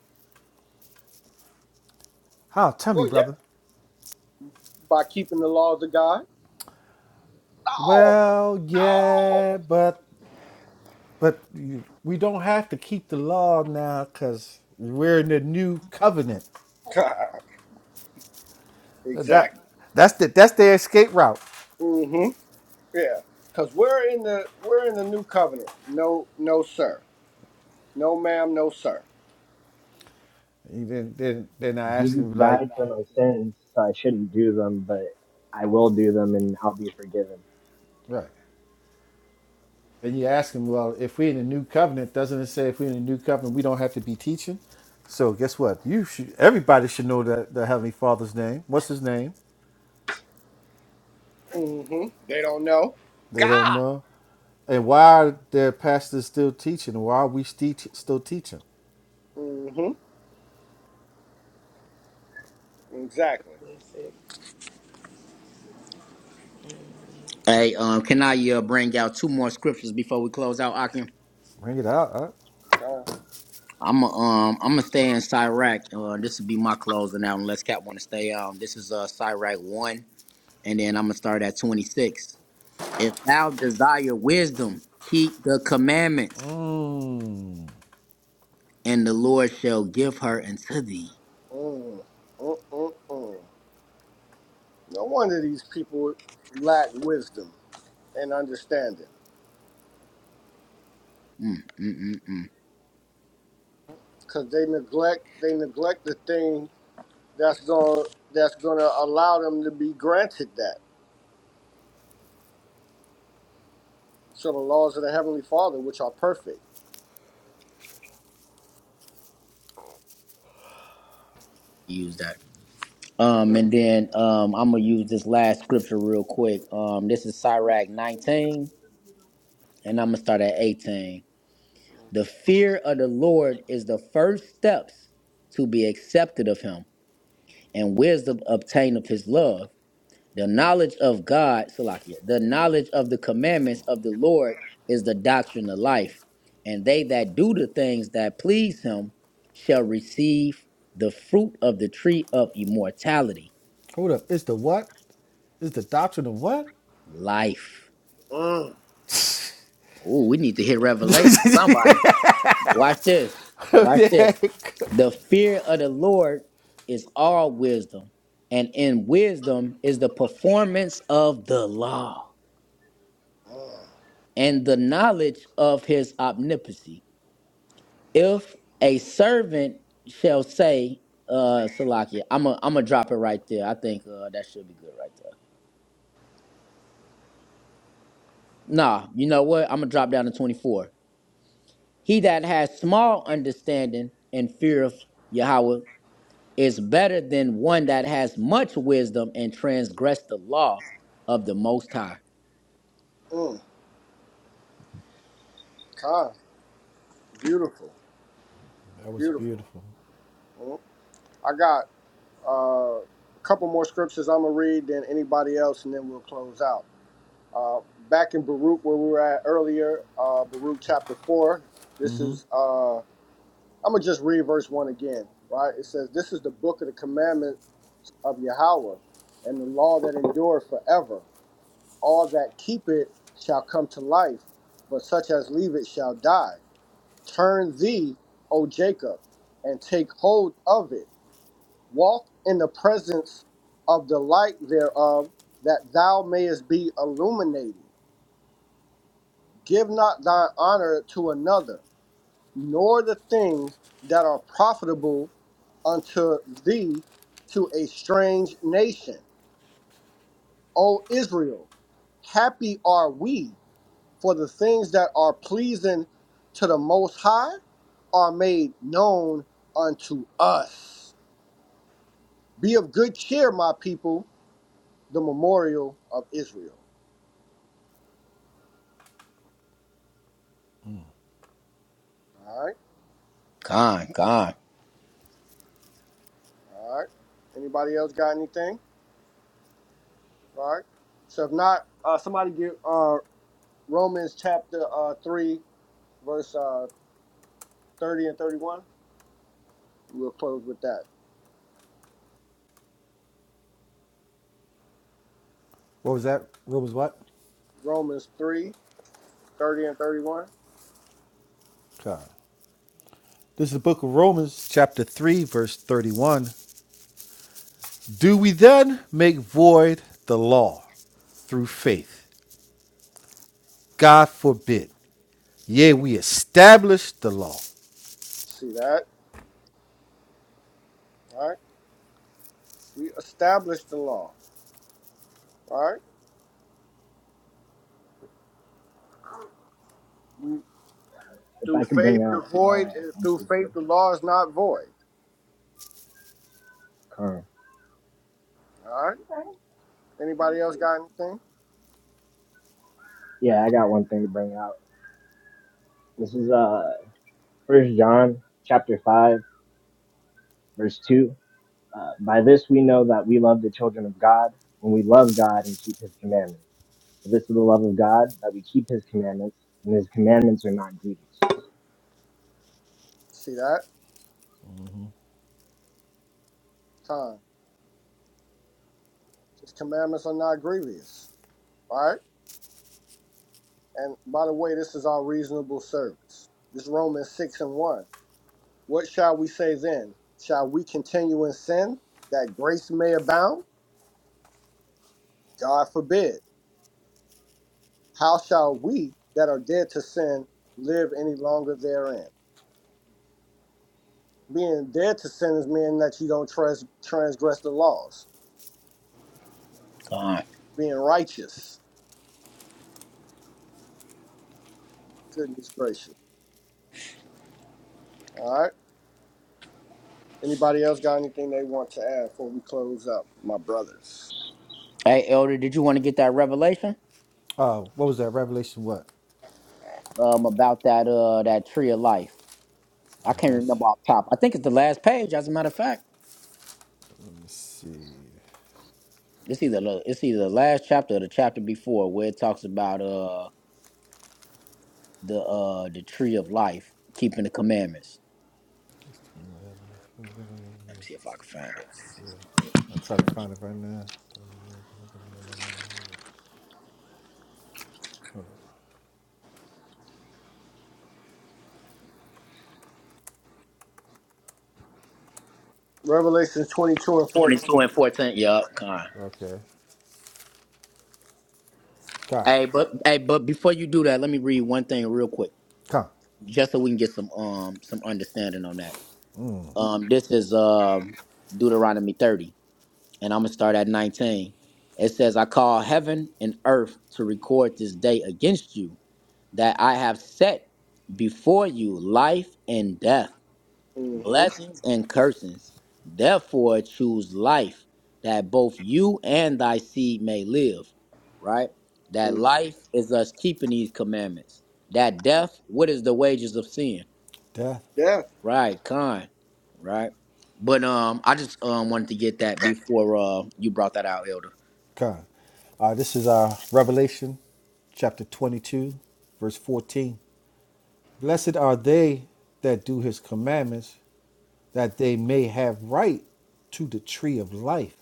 Speaker 4: How? Tell me,
Speaker 1: Well, yeah,
Speaker 4: brother.
Speaker 1: by keeping the laws of God. No,
Speaker 4: Well,
Speaker 1: no.
Speaker 4: yeah, but but we don't have to keep the law now because we're in the new covenant.
Speaker 1: God.
Speaker 4: That
Speaker 1: exactly.
Speaker 4: that's the that's their escape route.
Speaker 1: Mm-hmm. Yeah, because we're in the we're in the new covenant. No, no, sir. No, ma'am. No, sir.
Speaker 4: And then, then, then I asked
Speaker 7: Jesus
Speaker 4: him, like,
Speaker 7: died for my sins, so I shouldn't do them, but I will do them, and I'll be forgiven.
Speaker 4: Right. and you ask him, well, if we're in a new covenant, doesn't it say if we're in a new covenant, we don't have to be teaching? So guess what? You should. Everybody should know that the Heavenly Father's name. What's his name?
Speaker 1: Mm-hmm. They don't know.
Speaker 4: They don't know. And why are their pastors still teaching? Why are we teach, still teaching?
Speaker 1: Mm-hmm. Exactly.
Speaker 6: Hey, um, can I uh, bring out two more scriptures before we close out, Akim?
Speaker 4: Bring it out. Huh?
Speaker 1: Uh,
Speaker 6: I'm um I'm gonna stay in Sirach. Uh, this will be my closing out unless Cap wanna stay on. This is uh Sirach one, and then I'm gonna start at 26. If thou desire wisdom, keep the commandments,
Speaker 4: Mm.
Speaker 6: and the Lord shall give her unto thee.
Speaker 1: mm, mm, mm, mm. No wonder these people lack wisdom and understanding,
Speaker 6: Mm, mm, mm, mm.
Speaker 1: because they neglect they neglect the thing that's going that's going to allow them to be granted that. So the laws of the heavenly Father, which are perfect.
Speaker 6: Use that. Um,
Speaker 1: Mm,
Speaker 6: and then um, I'm gonna use this last scripture real quick. Um, this is Sirach 19, and I'm gonna start at 18. The fear of the Lord is the first steps to be accepted of Him, and wisdom obtained of His love. The knowledge of God, Salakia, the knowledge of the commandments of the Lord is the doctrine of life, and they that do the things that please Him shall receive the fruit of the tree of immortality,
Speaker 4: Hold up. It's the what? It's the doctrine of what?
Speaker 6: life.
Speaker 1: mm,
Speaker 6: Oh, we need to hear revelation. Somebody, watch this. Watch this.
Speaker 4: That
Speaker 6: The fear of the Lord is all wisdom, and in wisdom is the performance of the law
Speaker 1: mm,
Speaker 6: and the knowledge of his omnipotency. If a servant shall say, uh, Salakia, I'm going I'm to drop it right there. I think uh, that should be good right there. Nah, you know what? I'm going to drop down to 24. He that has small understanding and fear of Yahweh is better than one that has much wisdom and transgress the law of the Most High.
Speaker 1: mm. Kind, beautiful,
Speaker 4: was
Speaker 1: beautiful.
Speaker 4: beautiful.
Speaker 1: Mm. I got Uh, a couple more scriptures I'm gonna read than anybody else, and then we'll close out. Uh, back in Baruch where we were at earlier, uh, Baruch chapter four. This is uh, I'm gonna just read verse one again. Right? It says, "This is the book of the commandment of Yahweh, and the law that endureth forever. All that keep it shall come to life, but such as leave it shall die. Turn thee, O Jacob, and take hold of it." walk in the presence of the light thereof, that thou mayest be illuminated. Give not thine honor to another, nor the things that are profitable unto thee to a strange nation. O Israel, happy are we, for the things that are pleasing to the Most High are made known unto us. Be of good cheer, my people, the memorial of Israel. All right,
Speaker 6: God, God,
Speaker 1: all right. Anybody else got anything? All right. So if not, uh, somebody get uh, Romans chapter uh, three, verse uh, thirty and thirty-one. We'll close with that.
Speaker 4: What was that? What was what?
Speaker 1: Romans three, thirty and thirty-one.
Speaker 4: God. This is the book of Romans, chapter 3, verse 31. Do we then make void the law through faith? God forbid. Yea,
Speaker 1: Mm.
Speaker 4: we establish the law.
Speaker 1: See that? All right. We established the law. All right.
Speaker 7: If
Speaker 1: Through
Speaker 7: I could bring
Speaker 1: faith, the
Speaker 7: out uh,
Speaker 1: void. eh,
Speaker 7: one
Speaker 1: Through
Speaker 7: scripture.
Speaker 1: faith, the law is not void.
Speaker 7: Carl.
Speaker 1: All right. Anybody else got anything?
Speaker 7: Yeah, I got one thing to bring out. This is uh First John chapter five verse two. Uh, By this we know that we love the children of God when we love God and keep His commandments. For this is the love of God that we keep His commandments, and His commandments are not grievous.
Speaker 1: See that? Time. His commandments are not grievous. Right? And by the way, this is our reasonable service. This Romans 6 and 1. What shall we say then? Shall we continue in sin that grace may abound? God forbid. How shall we that are dead to sin live any longer therein? Being dead to sin is meaning that you don't trans- transgress the laws.
Speaker 6: God.
Speaker 1: Being righteous. Goodness gracious. All right. Anybody else got anything they want to add before we close up, my brothers?
Speaker 6: Hey, Elder, did you want to get that revelation
Speaker 4: Uh, what was that? Revelation what?
Speaker 6: um, about that uh, that tree of life? I
Speaker 4: I
Speaker 6: can't remember off top. I think it's the last page. As a matter of fact,
Speaker 4: Let me see.
Speaker 6: it's either the- it's either the last chapter or the chapter before where it talks about uh, the uh, the tree of life, keeping the commandments. Let me see if I can find it.
Speaker 4: Yeah. I'll try to find it right now.
Speaker 1: Revelation 22 and 14.
Speaker 6: Twenty-two and fourteen. Yup, God.
Speaker 4: Okay. God.
Speaker 6: Hey, but hey, but before you do that, let me read one thing real quick.
Speaker 4: Come.
Speaker 6: just so we can get some um some understanding on that. Um, this is um Deuteronomy 30, and I'm gonna start at 19. It says, "I call heaven and earth to record this day against you that I have set before you life and death, blessings and curses. Therefore, choose life that both you and thy seed may live." Right? That
Speaker 1: hmm
Speaker 6: life is us keeping these commandments. That death, what is the wages of sin?
Speaker 4: Death.
Speaker 1: death,
Speaker 6: Right, con, right. But um, I just um wanted to get that before uh you brought that out, Elder.
Speaker 4: Con. Uh, this is uh, Revelation chapter 22, verse 14. Blessed are they that do his commandments, that they may have right to the tree of life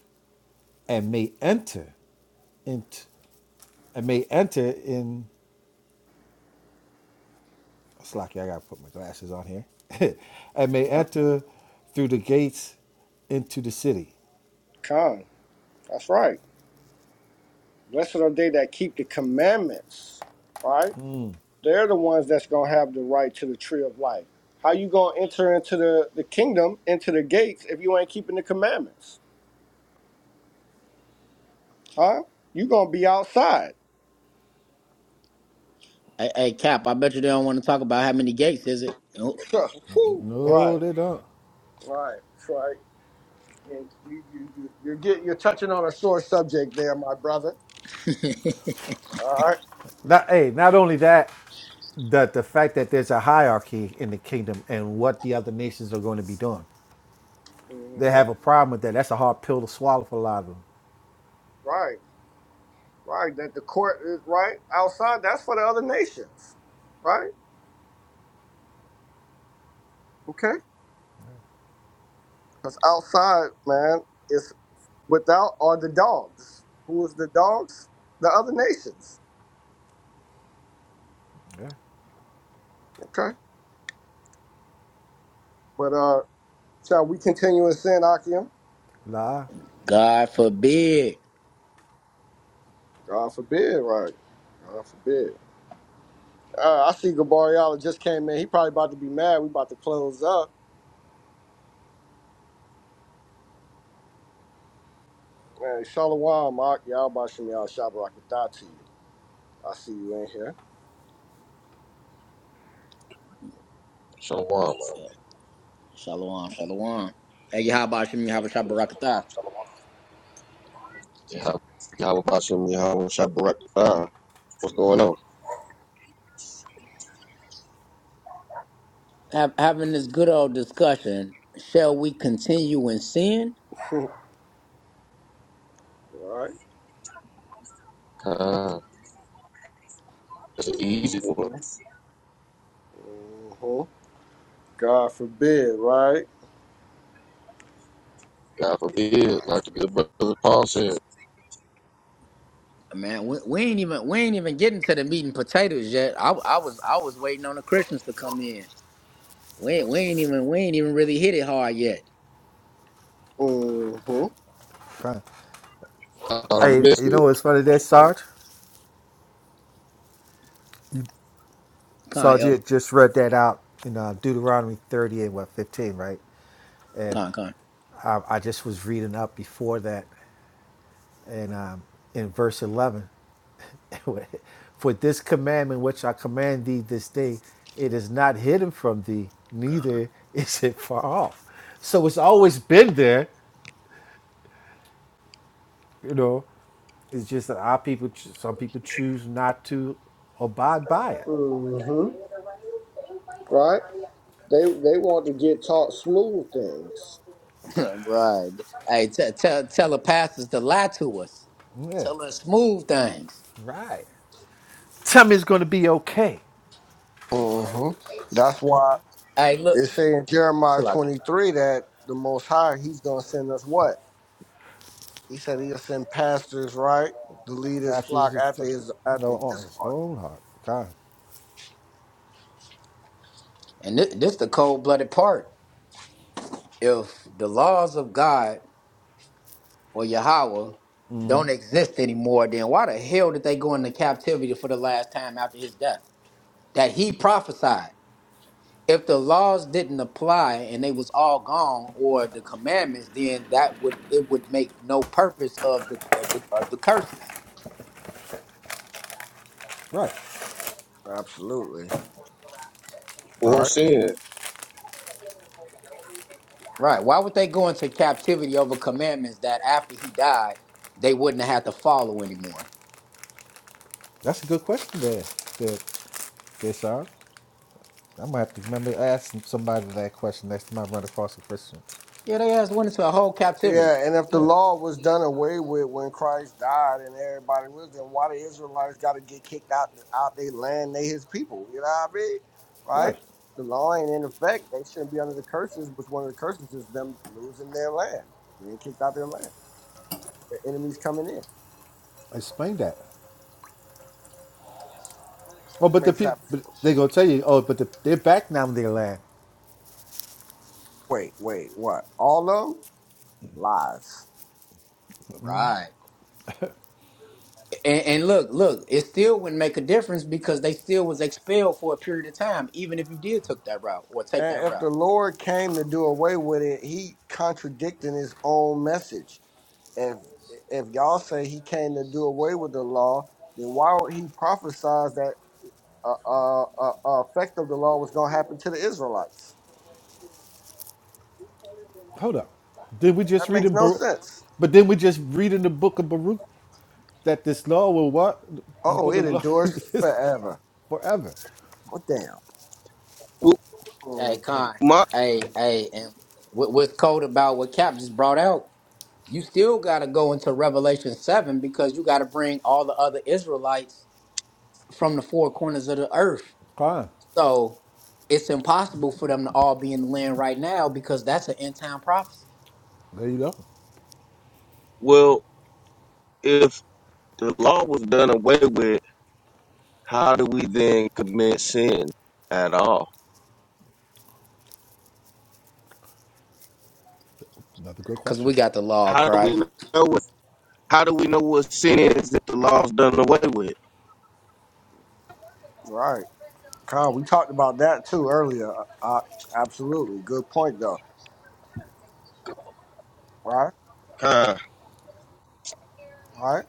Speaker 4: and may enter into and may enter in Slacky, I gotta put my glasses on here. and may enter through the gates into the city.
Speaker 1: come. That's right. Blessed are they that keep the commandments, right? They're the ones that's gonna have the right to the tree of life. How you gonna enter into the, the kingdom, into the gates, if you ain't keeping the commandments? Huh? You gonna be outside.
Speaker 6: Hey, hey Cap, I bet you they don't want to talk about how many gates is it? Nope.
Speaker 1: Whew.
Speaker 4: No,
Speaker 1: right,
Speaker 4: they don't.
Speaker 1: right, that's right. And you, you, you, you're, get, you're touching on a sore subject there, my brother. All right.
Speaker 4: Not, hey, not only that, that the fact that there's a hierarchy in the kingdom and what the other nations are going to be doing. They
Speaker 1: Mm-hmm.
Speaker 4: have a problem with that. That's a hard pill to swallow for a lot of them.
Speaker 1: Right, right. That the court is right outside. That's for the other nations, right? Okay. Because outside, man, it's without are the dogs. Who is the dogs? The other nations.
Speaker 4: Yeah.
Speaker 1: Okay. But uh shall we continue in sin, Akim?
Speaker 4: Nah.
Speaker 6: God forbid.
Speaker 1: God forbid, right? God forbid. Uh, I see Gabariala just came in. He probably about to be mad. We about to close up. Man, Shalom, Mark. Y'all bashing me out. Shabarakadai to you. I see you in here.
Speaker 8: Shalom.
Speaker 6: Shalom, shalom. Hey, how about Shimmy
Speaker 1: So,
Speaker 6: Habashabarakatah?
Speaker 8: Yahweh Yahweh Bashem, Yahweh Shabbat. Khan. What's going on?
Speaker 6: Have, having this good old discussion, shall we continue in sin?
Speaker 1: right?
Speaker 8: Khan. It's an easy
Speaker 1: Mm-hmm.
Speaker 8: one.
Speaker 1: Mm-hmm. God forbid, right?
Speaker 8: God forbid.
Speaker 6: Uh,
Speaker 8: Like the good brother Paul said.
Speaker 6: Man, we, we ain't even we ain't even getting to the meat and potatoes yet. I, I was I was waiting on the Christians to come in. We ain't, we ain't even we ain't even really hit it hard yet.
Speaker 1: Mm-hmm.
Speaker 4: fine.
Speaker 8: I thought I
Speaker 4: Hey,
Speaker 8: missed
Speaker 4: you know
Speaker 8: it.
Speaker 4: what's funny there, Sarge?
Speaker 6: Con,
Speaker 4: Sarge, you
Speaker 6: El,
Speaker 4: had just read that out in uh, Deuteronomy 30 and what, 15, right? And
Speaker 6: con, con.
Speaker 4: I, I just was reading up before that and um, in verse 11. For this commandment which I command thee this day, it is not hidden from thee, neither is it far off. So it's always been there, you know. It's just that our people, cho- some people choose not to abide by it.
Speaker 1: Mm-hmm. right? They they want to get taught smooth things.
Speaker 6: right. Hey, t- tell tell the pastors to lie to us.
Speaker 4: Yeah,
Speaker 6: Tell us smooth things.
Speaker 4: right. Tell me it's going to be okay.
Speaker 1: hmm That's why
Speaker 6: Hey, look,
Speaker 1: it say in Jeremiah
Speaker 6: Salaki.
Speaker 1: 23 that the Most High, He's going to send us what? He said He'll send pastors, right, to lead His
Speaker 4: After his,
Speaker 1: flock after
Speaker 4: you
Speaker 1: His after
Speaker 4: know, on
Speaker 1: His
Speaker 4: his
Speaker 1: heart.
Speaker 4: own heart. God.
Speaker 6: And this, this the cold blooded part. If the laws of God or Yahweh don't exist anymore, then why the hell did they go into captivity for the last time after his death? That he prophesied. If the laws didn't apply and they was all gone, or the commandments, then that would it would make no purpose of the of the, of the curses.
Speaker 4: Right.
Speaker 1: Absolutely,
Speaker 8: Or
Speaker 1: right?
Speaker 8: sin.
Speaker 6: Right. Why would they go into captivity over commandments that after he died, they wouldn't have had to follow anymore?
Speaker 4: That's a good question there, there, there, Sean. I'm going to have to remember asking somebody that question next time I run across a Christian.
Speaker 6: Yeah, they ass went into a whole captivity.
Speaker 1: Yeah, and if the
Speaker 4: Yeah,
Speaker 1: law was done away with when Christ died and everybody was, then why the Israelites got to get kicked out out their land? They his people. You know what I mean? Right?
Speaker 4: right.
Speaker 1: The law ain't in effect. They shouldn't be under the curses. Which one of the curses is them losing their land, being kicked out their land, their enemies coming in?
Speaker 4: Explain that. Oh, but the
Speaker 1: Makes
Speaker 4: pe-
Speaker 1: that.
Speaker 4: but they gonna tell you. Oh, but the, they're back now. in Their land.
Speaker 1: Wait, wait, what? All of them lies.
Speaker 6: Right. And, and look, look, it still wouldn't make a difference because they still was expelled for a period of time, even if you did took that route or take that
Speaker 1: And if the
Speaker 6: route.
Speaker 1: Lord came to do away with it, he contradicting his own message if if y'all say he came to do away with the law, then why would he prophesize that uh, uh, uh, uh, effect of the law was going to happen to the Israelites?
Speaker 4: Hold up. Did we just
Speaker 1: That
Speaker 4: read
Speaker 1: makes
Speaker 4: in
Speaker 1: no
Speaker 4: Baruch?
Speaker 1: sense.
Speaker 4: But then we just read in the book of Baruch that this law will what? This
Speaker 1: Oh,
Speaker 4: book
Speaker 1: it
Speaker 4: of the law
Speaker 1: endures
Speaker 4: is
Speaker 1: forever.
Speaker 4: forever.
Speaker 1: Well, damn.
Speaker 8: Well,
Speaker 6: Hey,
Speaker 1: Mhm.
Speaker 6: Con,
Speaker 8: my
Speaker 6: hey, hey, and what, what's cold about what Cap just brought out, you still got to go into Revelation 7 because you got to bring all the other Israelites from the four corners of the earth
Speaker 4: Fine.
Speaker 6: So it's impossible for them to all be in the land right now because that's an end time prophecy.
Speaker 4: There you go.
Speaker 8: well, if the law was done away with, how do we then commit sin at all?
Speaker 4: Another good
Speaker 6: Because
Speaker 4: question.
Speaker 6: we got the law of
Speaker 8: How do we
Speaker 6: Christ.
Speaker 8: know what? How do we know what sin is if the law's done away with?
Speaker 1: Right, Kyle. We talked about that too earlier. Uh, uh, absolutely, good point though. Right,
Speaker 8: Khan.
Speaker 1: right.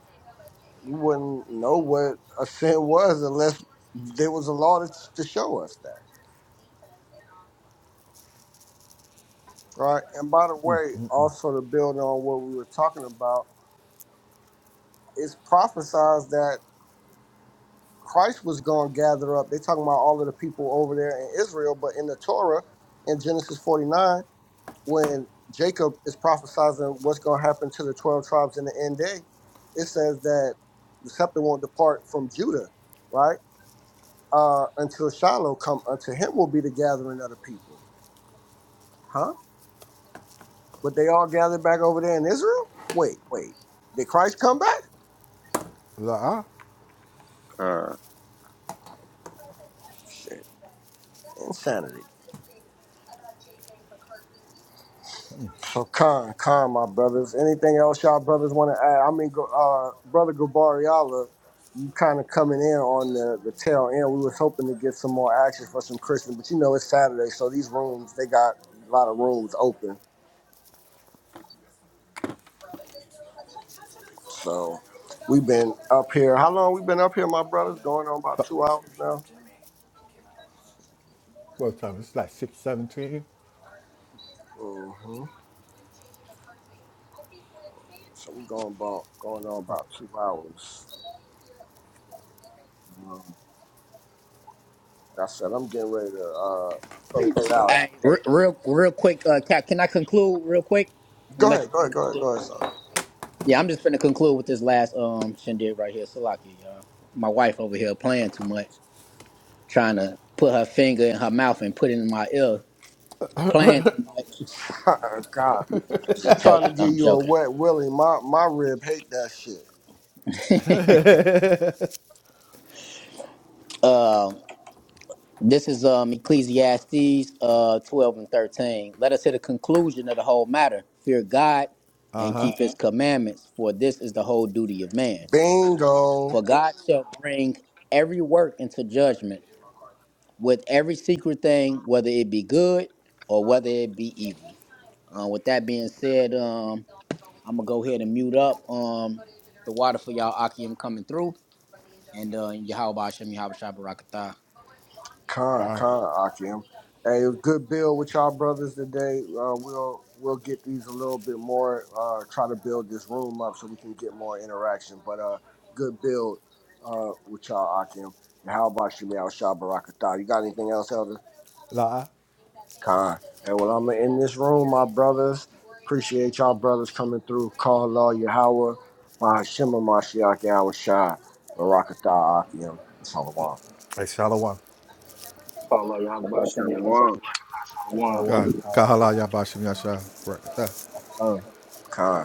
Speaker 1: You wouldn't know what a sin was unless there was a law to, to show us that. All Right. And by the way, also to build on what we were talking about, it's prophesied that Christ was going to gather up. They're talking about all of the people over there in Israel, but in the Torah, in Genesis 49, when Jacob is prophesizing what's going to happen to the 12 tribes in the end day, it says that the scepter won't depart from Judah, right? Uh, until Shiloh come, unto him will be the gathering of the people. Huh? But they all gathered back over there in Israel? Wait, wait. Did Christ come back?
Speaker 4: La.
Speaker 8: Khan.
Speaker 1: Shit, insanity. So Khan, Khan, my brothers. Anything else y'all brothers want to add? I mean, go- uh, brother Gabariala, you kind of coming in on the, the tail end. We was hoping to get some more action for some Christians, but you know it's Saturday, so these rooms they got a lot of rooms open. So we've been up here. How long we been up here, my brothers? Going on about two hours now.
Speaker 4: What time? It's like six seventeen.
Speaker 1: hmm So we going about going on
Speaker 4: Right.
Speaker 1: about two hours. Um, like I said, I'm getting ready to uh, close it out.
Speaker 6: Hey, re- real, real quick, uh, Cap, can I conclude real quick?
Speaker 1: Go
Speaker 6: Unless you
Speaker 1: ahead, go
Speaker 6: got to
Speaker 1: ahead, go ahead,
Speaker 6: conclude.
Speaker 1: go ahead, son.
Speaker 6: Yeah, I'm just going to conclude with this last um shindig right here, Salaki. y'all. My wife over here playing too much, trying to put her finger in her mouth and put it in my ear, playing too much.
Speaker 1: God,
Speaker 6: I'm
Speaker 1: she
Speaker 6: just
Speaker 1: trying to
Speaker 6: joking.
Speaker 1: give
Speaker 6: I'm
Speaker 1: you a
Speaker 6: joking.
Speaker 1: wet willy. My my rib hate that shit.
Speaker 6: Um, This is um, Ecclesiastes uh, 12 and 13. Let us hit a conclusion of the whole matter. Fear God and keep Uh-huh. his Uh-huh. commandments, for this is the whole duty of man.
Speaker 1: Bingo.
Speaker 6: For God shall bring every work into judgment with every secret thing, whether it be good or whether it be evil. Uh, with that being said, um, I'm going to go ahead and mute up um, the water for y'all. Aki, I'm coming through. And uh, Yahweh Hashem, Yahweh Shabbat Rakatah.
Speaker 4: All
Speaker 1: Con,
Speaker 4: right.
Speaker 1: con, Akim. Hey, it was good build with y'all brothers today. Uh, we'll we'll get these a little bit more. Uh, try to build this room up so we can get more interaction. But uh, good build uh with y'all, Akim. And how about you, Al Shah Barakatah? You got anything else, Elder?
Speaker 4: La.
Speaker 1: Con. And while I'm in this room, my brothers, appreciate y'all brothers coming through. Call Law Yahweh, Bahashim Mashiach Yahweh Shai, Barakatah Akim, and Salawam.
Speaker 4: Hey, Shalom.
Speaker 2: Follow
Speaker 8: Shalom.
Speaker 2: y'all,
Speaker 4: God,
Speaker 7: Shalom, Kala,
Speaker 4: Kahala
Speaker 7: Yahweh,
Speaker 4: Yabashim
Speaker 7: Shemini,
Speaker 4: Yasha.
Speaker 7: Yahweh,
Speaker 4: Right.
Speaker 7: Yahweh.
Speaker 1: Con.